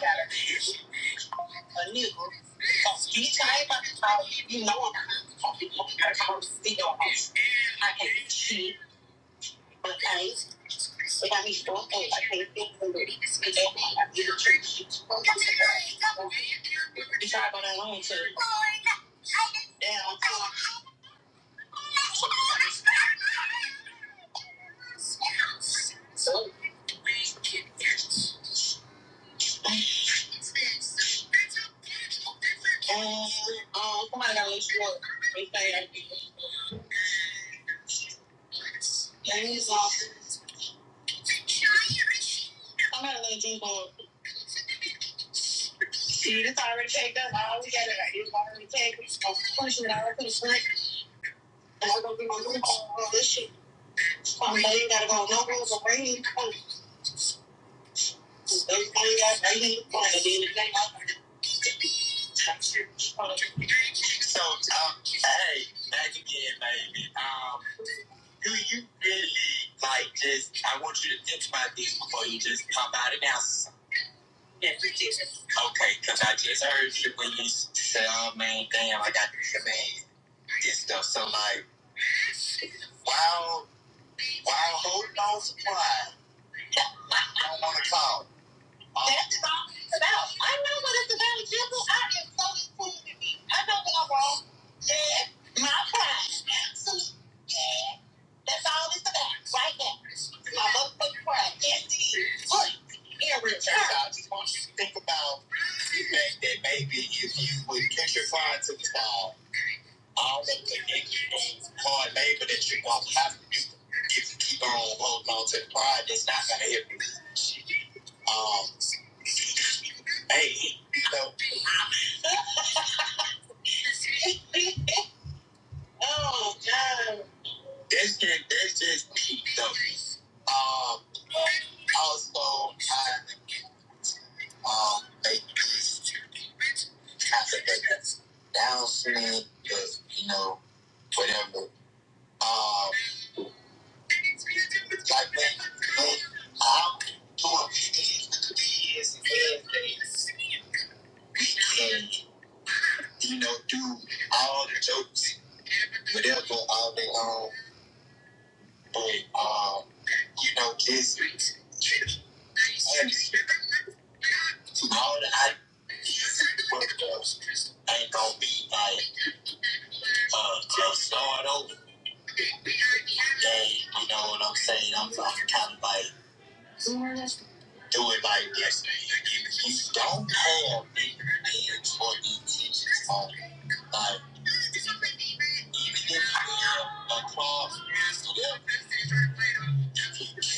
Speaker 6: got a, a nigga. So you tell everybody about you know I'm not talking because I'm still I can see, but I, but I need to go ahead. I can't think of it. I need to treat you. You try to go down on to I'm I'm somebody Somebody gotta gotta gotta They say that. James Lawson. Somebody got a little drink on. See, we All we got it right. It's already packed. I'm pushing it out to the gonna my room on all This shit. be. You, got to go. No rules are raining. Everybody got raining. I'm going to be in the game. I'm going to So, um, hey, back again, baby. Um, do you really like just. I want you to think about this before you just pop out of now. Okay, because I just heard you when you said, oh man, damn, I got this man, this stuff. So, like, while, while holding on supply, I don't want to call. Um, That's all it's about. I know what it's about, Jibble. I am so included in me. I know what I'm wrong. Yeah, my pride. Absolutely. Yeah, that's all it's about right now. My motherfucking pride. Yes, it is. Look, here, Richard. I just want you to think about You think that maybe if you would put your pride to the ball, all of the ignorant hard labor that you're going to have to do if you keep on holding on to the pride, that's not going to help you. Um, hey, so, oh, God. That's just, that's just me, though. Um, also, I, um, make peace after that announcement, because, you know, whatever. Um, You know, do all the jokes, whatever, all day long. But, um, you know, just and to all the ideas, but those ain't gonna be like uh, just start over. They, you know what I'm saying? I'm, I'm kind of like do it like this. If you don't have big ideas or intentions on it, like even if you have a class, you can't just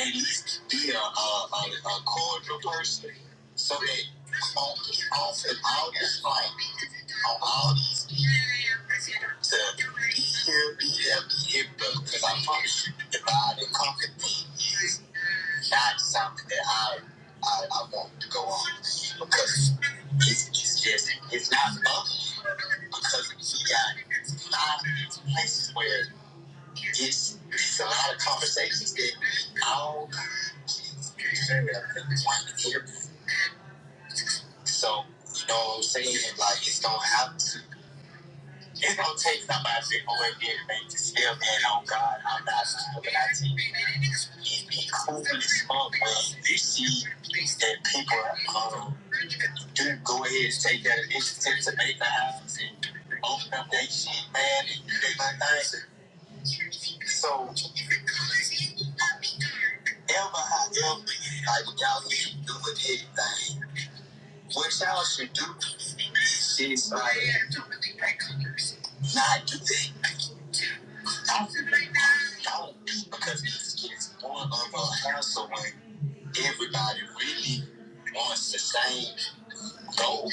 Speaker 6: at least be a, a, a, cordial person. So that on, off and all this fight, on all these to be here, be there, be here, because I promise you, if I didn't conquer things not something that I I, I want to go on because it's, it's just it's not loving because he got five places where it's it's a lot of conversations that all so you know what I'm saying like it's gonna have to it's gonna take somebody to go and get me to still man on God I'm not looking at you it'd be cool as fuck when you see that people are um, Dude, go ahead and take that initiative to make the house and open up that shit, man, and do they my thing. So, ever, however, like y'all should do with anything, what y'all should do is just like not do that. I feel like don't do because it's, it's more of a hassle when everybody really wants the same goal.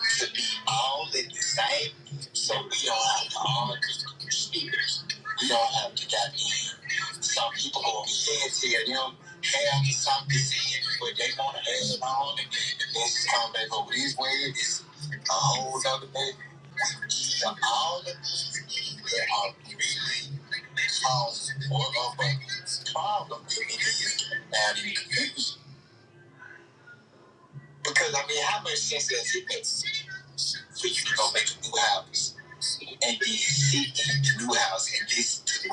Speaker 6: to be all in the same, so we don't have to all contribute speakers. We don't have to get in. Some people gonna be dead here, them have some disease, but they wanna add it on it. and this come back over this way, it's a whole other thing. These are all the things that are really causing more of a problem than it is now that it is. Because I mean, how much sense does it make for you to go make a new house? and be seeking the new house and this to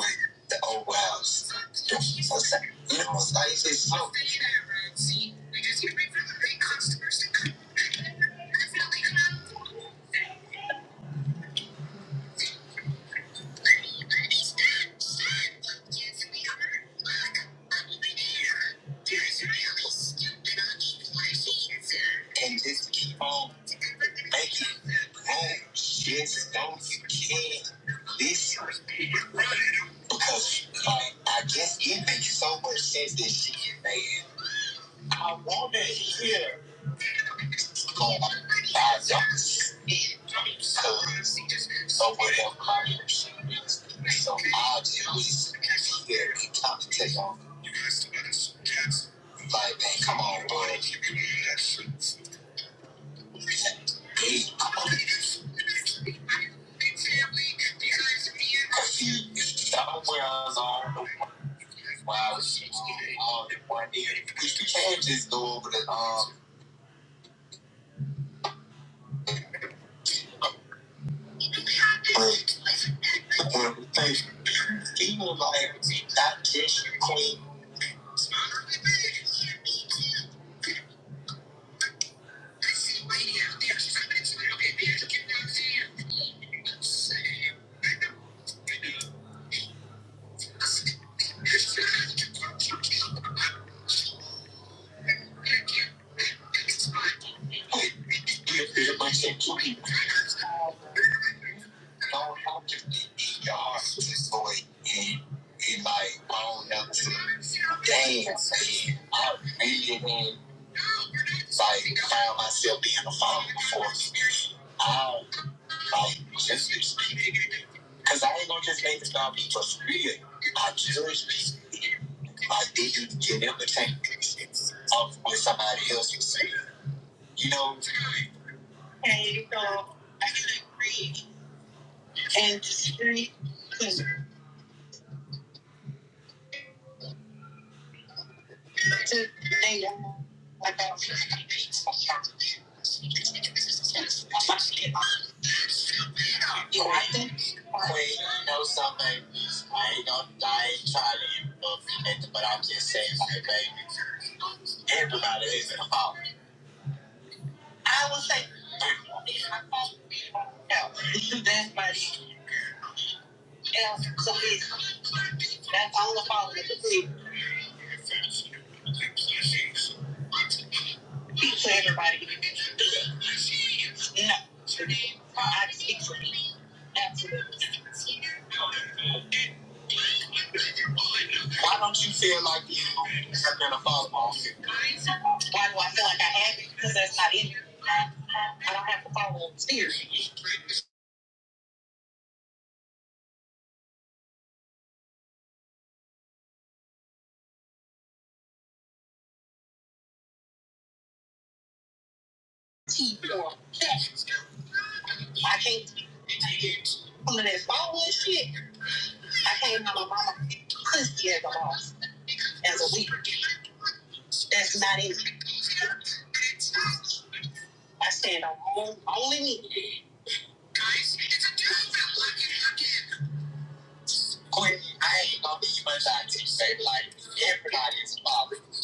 Speaker 6: the old house. You know, it's like it's slow and just keep on making room just so you can listen. Because like I guess it makes so much sense that she is made. I wanna hear I don't, cause I would have my own shit. So I do. Here, come take off. You guys, come on, boy. Because we're family. Because me and my family, that's where I'm from. Wow, oh, the money. We can't just go over the um. But when we think he was like that dish queen. Don't help your bitch. Your heart just boy. And he like, I don't never see dance. man. I really mean, like, found myself being a father before. I don't like just this. Because I ain't gonna just make this dog be for real. I judge people I didn't get entertained of what somebody else was saying. You know, Queen, you know something. I ain't gonna I ain't trying to implement it, but I'm just saying hey, baby. Everybody is in a fault. And all the fault people everybody. No. I speak for me. Why don't you feel like you have been a father Why do I feel like I have it? Because that's not in me. I don't have to follow in spirit, teeth, or facts. I can't get some of that following shit. I came to my mama pussy as a boss, as a weaver. That's not in me. I stand on only me. Guys, it's a dude that looking at Quit. I ain't gonna be much I teach say like everybody's father. I,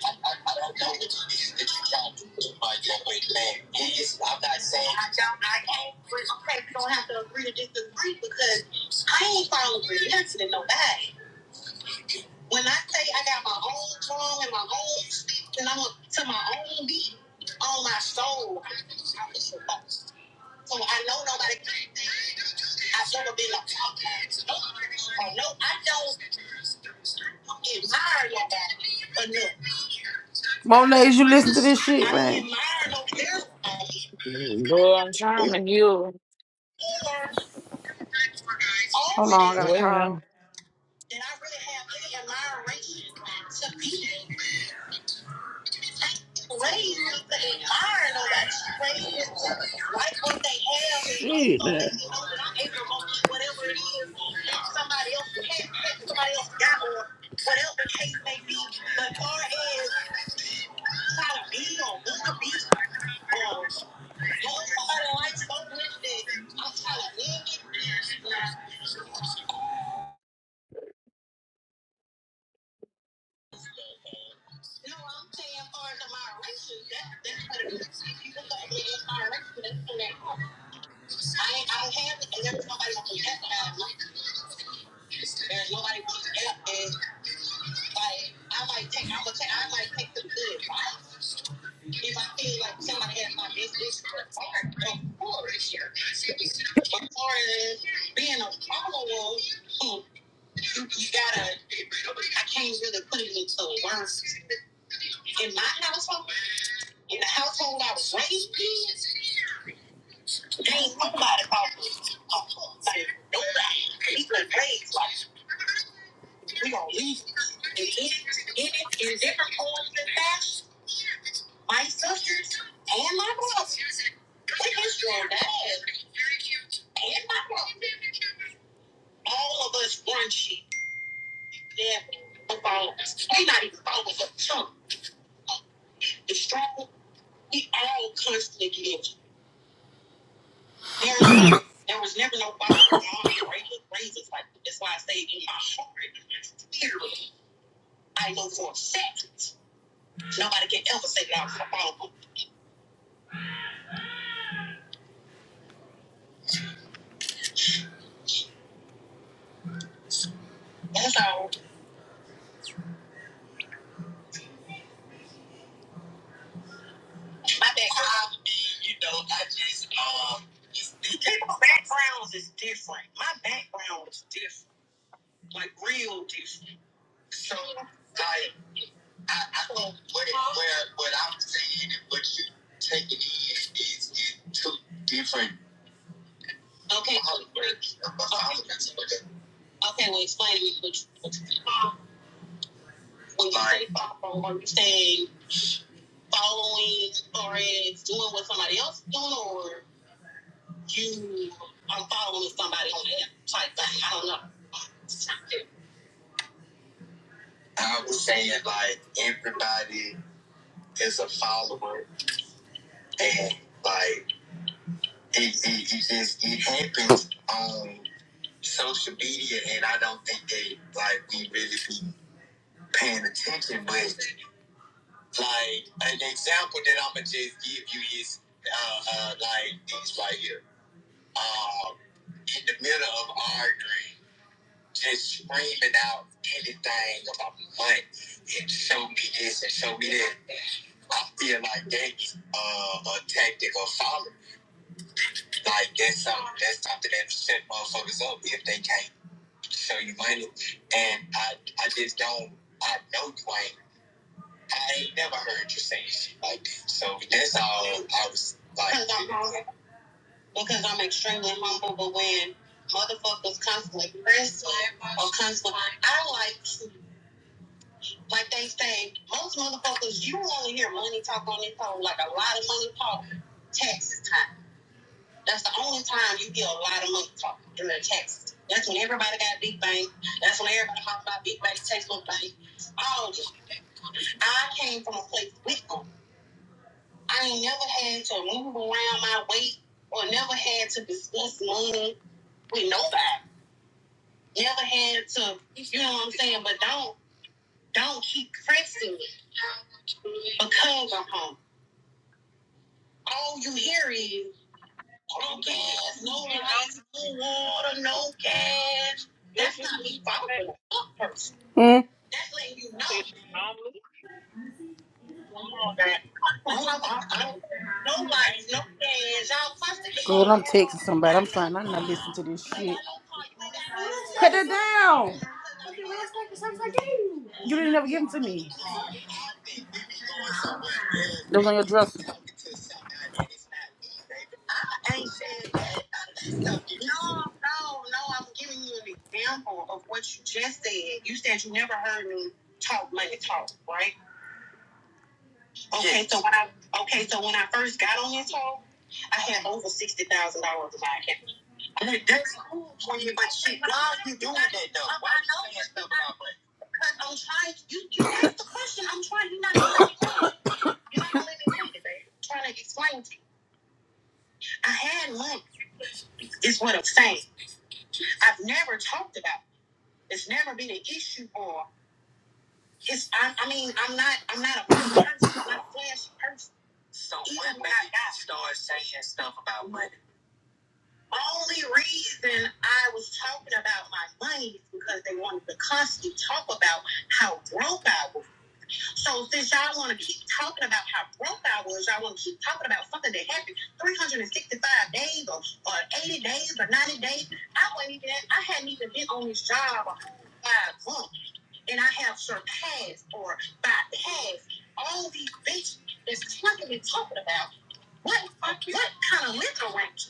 Speaker 6: I, I, I don't know what it is that you try to do by your way, man. It is I'm not saying I don't I can't but okay, we don't have to agree to disagree because I ain't following nothing to nobody. When I say I got my own drum and my own speech and I'm to my own beat on my soul, I, I live. So I know nobody. I should have been like, oh no, I don't admire nobody. But no. Monet, you listen to this shit, I man.
Speaker 4: Girl, I'm trying to heal.
Speaker 6: Hold on, I got a
Speaker 4: Well.
Speaker 6: call. Did I really have any admiration to people? raisins and iron on that raisins, like what they have. Shit. uh, I ain't, I don't have it, and there's nobody who can help me. There's nobody who can help me. Like, I might take, I'm gonna take, I might take some good advice. If I feel like somebody has my best interest at heart, of course. But as far as being a follower, hmm, you, you gotta, I can't really put it into words. In my household, in the household I was raised in, there ain't nobody called me. follower. Like, nobody. People in place like We gonna leave it, in it in different forms and fashions. My sisters and my brothers. We just drawn bad and my brother. All of us brunchy. Yeah, followers. We not even followers of chunk. It's strong. We all constantly get injured. There was, no- there was never no bottom. All these regular raises like that's why I say in my heart, in my spirit, I know for a second nobody can ever say that I was a follower. That's all My background, you know, I just um, it's- people's backgrounds is different. My background was different, like real different. So, like, I, I don't where where what I'm saying and what you taking in is is two different. Okay. outlooks of Republicans. Okay, well, explain to me what you, what you mean. when you say follow. Are you saying following or as doing what somebody else is doing, or you are following somebody on the app type thing. I don't know. I was saying like everybody is a follower, and like it, it, it just it happens on social media, and I don't think they like we really be paying attention. But like an example that I'm gonna just give you is uh, uh, like these right here. Um, in the middle of arguing. just screaming out anything about money and show me this and show me that. I feel like that's uh, a tactic of following. Like that's something um, that's something that set motherfuckers up if they can't show you money. And I I just don't. I know you ain't. I ain't never heard you say shit like that. So that's all I was like. Because I'm humble. Because I'm extremely humble. But when motherfuckers constantly press or constantly, I like Like they say, most motherfuckers, you only hear money talk on this phone, like a lot of money talk taxes time. That's the only time you hear a lot of money talk during taxes. That's when everybody got big bank. That's when everybody talking about big bank, tax little bank, all this. I came from a place with them. I ain't never had to move around my weight or never had to discuss money with nobody. Never had to, you know what I'm saying? But don't don't keep pressing me because I'm home all you hear is No gas, no lights, no water, no cash. That's not me following a fuck person. Mm. That's letting you know. Come on, No lights, no gas. Y'all fussing. Girl, I'm texting somebody. I'm trying. I'm not listening to this shit. Cut it down. You didn't ever give them to me. Those on your dresser. I ain't saying that. No, no, no. I'm giving you an example of what you just said. You said you never heard me talk money talk, right? Okay, so when I okay, so when I first got on this talk, I had over sixty thousand dollars in my account. And that's cool for you, but shit, why are you doing that though? Why are you saying stuff about money? Because I'm trying. You, you asked the question. I'm trying. You're not. You ain't living today. Trying to explain to you. I had money, is what I'm saying. I've never talked about it. It's never been an issue or it's I, I mean, I'm not I'm not a person, I'm not a flashy person. So Even when when I start saying stuff about money. Only reason I was talking about my money is because they wanted to constantly talk about how broke I was. So since y'all want to keep talking about how broke I was, y'all want to keep talking about something that happened 365 days or, or 80 days or 90 days. I wasn't even, I hadn't even been on this job five months, and I have surpassed or bypassed all these bitches that's talking and talking about what what kind of liquor rank?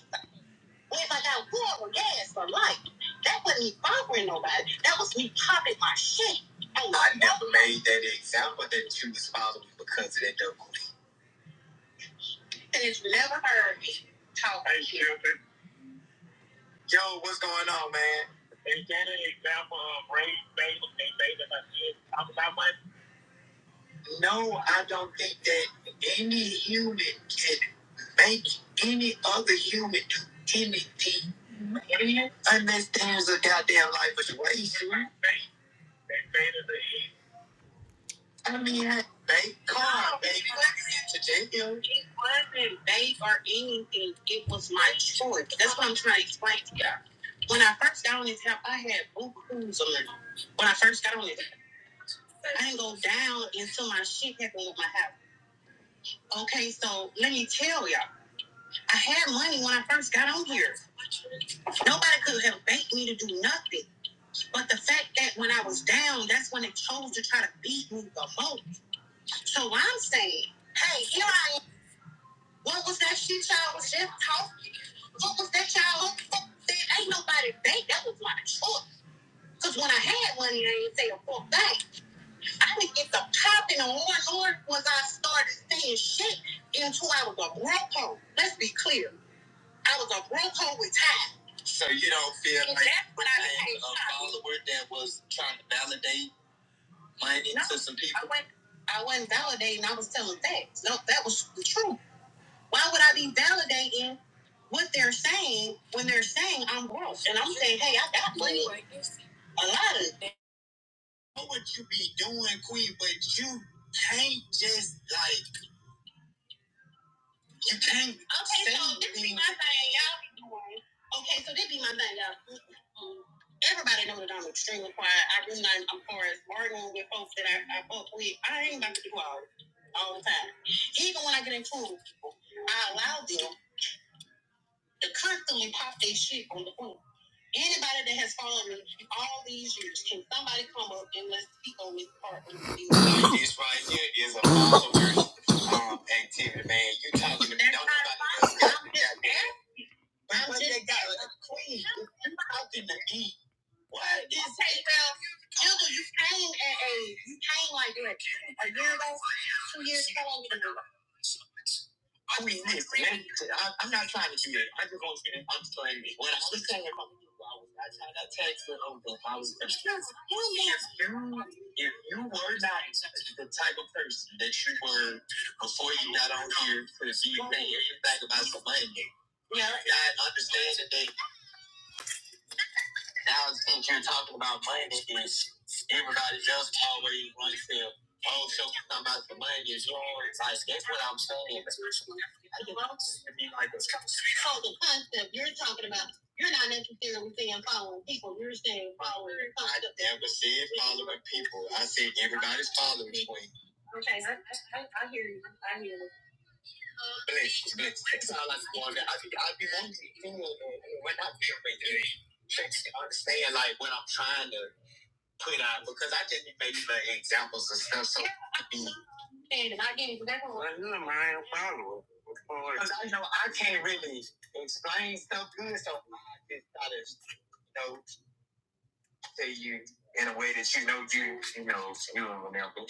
Speaker 6: What if I got water, gas, or light? That wasn't me bothering nobody. That was me popping my shit. I, I never made that example that you was following because of that double. And it's never heard me talk. Hey, Chef. Yo, what's going on, man? Example of race, baby, they baby, like this. Talk about my. No, I don't think that any human can make any other human do anything unless there's a goddamn life situation. Right. They faded the heat. I mean, they called, baby. Today. It wasn't vague or anything. It was my choice. That's what I'm trying to explain to y'all. When I first got on this app, I had blue cruise on it. When I first got on it, I didn't go down until my shit happened with my house. Okay, so let me tell y'all, I had money when I first got on here. Nobody could have banked me to do nothing. But the fact that when I was down, that's when they chose to try to beat me the most. So what I'm saying, hey, here I am. What was that shit y'all was just talking? What was that y'all? What that? Ain't nobody date. That was my choice. Cause when I had one, I didn't say a full thing. I didn't get the popping on more and once I started saying shit until I was a broke hoe. Let's be clear. I was a broke hoe with time. So you don't feel And like that's what I became a follower that was trying to validate money no, to some people? I wasn't, I wasn't validating. I was telling facts. No, that was the truth. Why would I be validating what they're saying when they're saying I'm gross and I'm saying, hey, I got money, a lot of. it. I Know what you be doing, Queen? But you can't just like you can't. Okay, so this be my thing, y'all be doing. Okay, so this be my thing, y'all. Um, Everybody know that I'm extremely quiet. I do not. I'm far as arguing with folks that I, I fuck with. I ain't about to do all all the time. Even when I get in tune with people, I allow them to constantly pop their shit on the phone. Anybody that has followed me all these years, can somebody come up and let's speak on this part? of This right here is a follower's um, activity, man. You talking to me? Don't nobody else got the goddamn- I'm just- they got a queen. You talking to me? What is? Okay, well, Juggle, you came at a you came like what a year ago two years, how long did it work? I mean, listen, I, I'm not trying to do that. I just want to say that I'm sorry. When I was telling her, I was, I tried to text her over. I was, if you, if you were not the type of person that you were before you got on here to be saying anything about some money, yeah, I understand that they now since you're talking about money, it's- everybody else always wants to oh so talking about the money is wrong. Like that's what I'm saying. I mean, like, it's- So the concept you're talking about, you're not necessarily saying following people. You're saying following. the concept. I never said following people. I said everybody's following me. Okay, I, I, I hear you. I hear you blessed, blessed. Exile as one that I think I'd be wanting. When I feel me today, tricks understand like what I'm trying to put out because I just be making like, examples and stuff. So yeah, I I get it. Because I know I can't really explain stuff good, so I just gotta you know tell you in a way that you know you you know you will remember.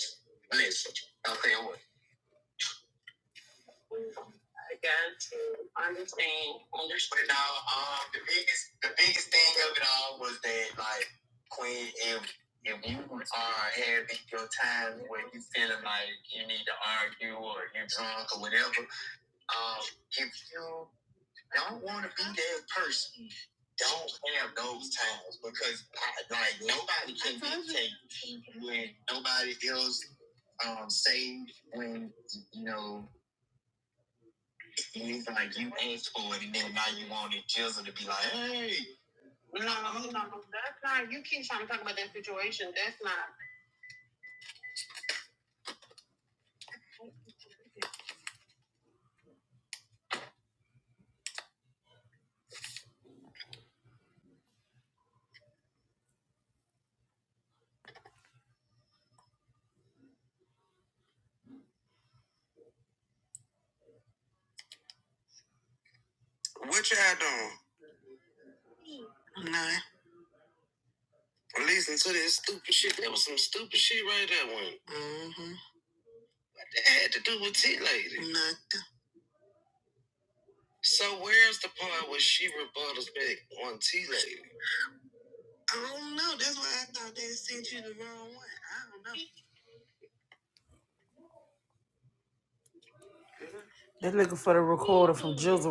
Speaker 6: Listen, okay, what? But now, um, the biggest, the biggest thing of it all was that, like, Queen, if if you are having your time where you feeling like you need to argue or you're drunk or whatever, um, if you don't want to be that person, don't have those times because, like, nobody can dictate when nobody else um say when you know. You like you asked for it, and then now you want it, Jizzle to be like, hey. No, no, that's not. You keep trying to talk about that situation. That's not. They're looking for the recorder from Jizzle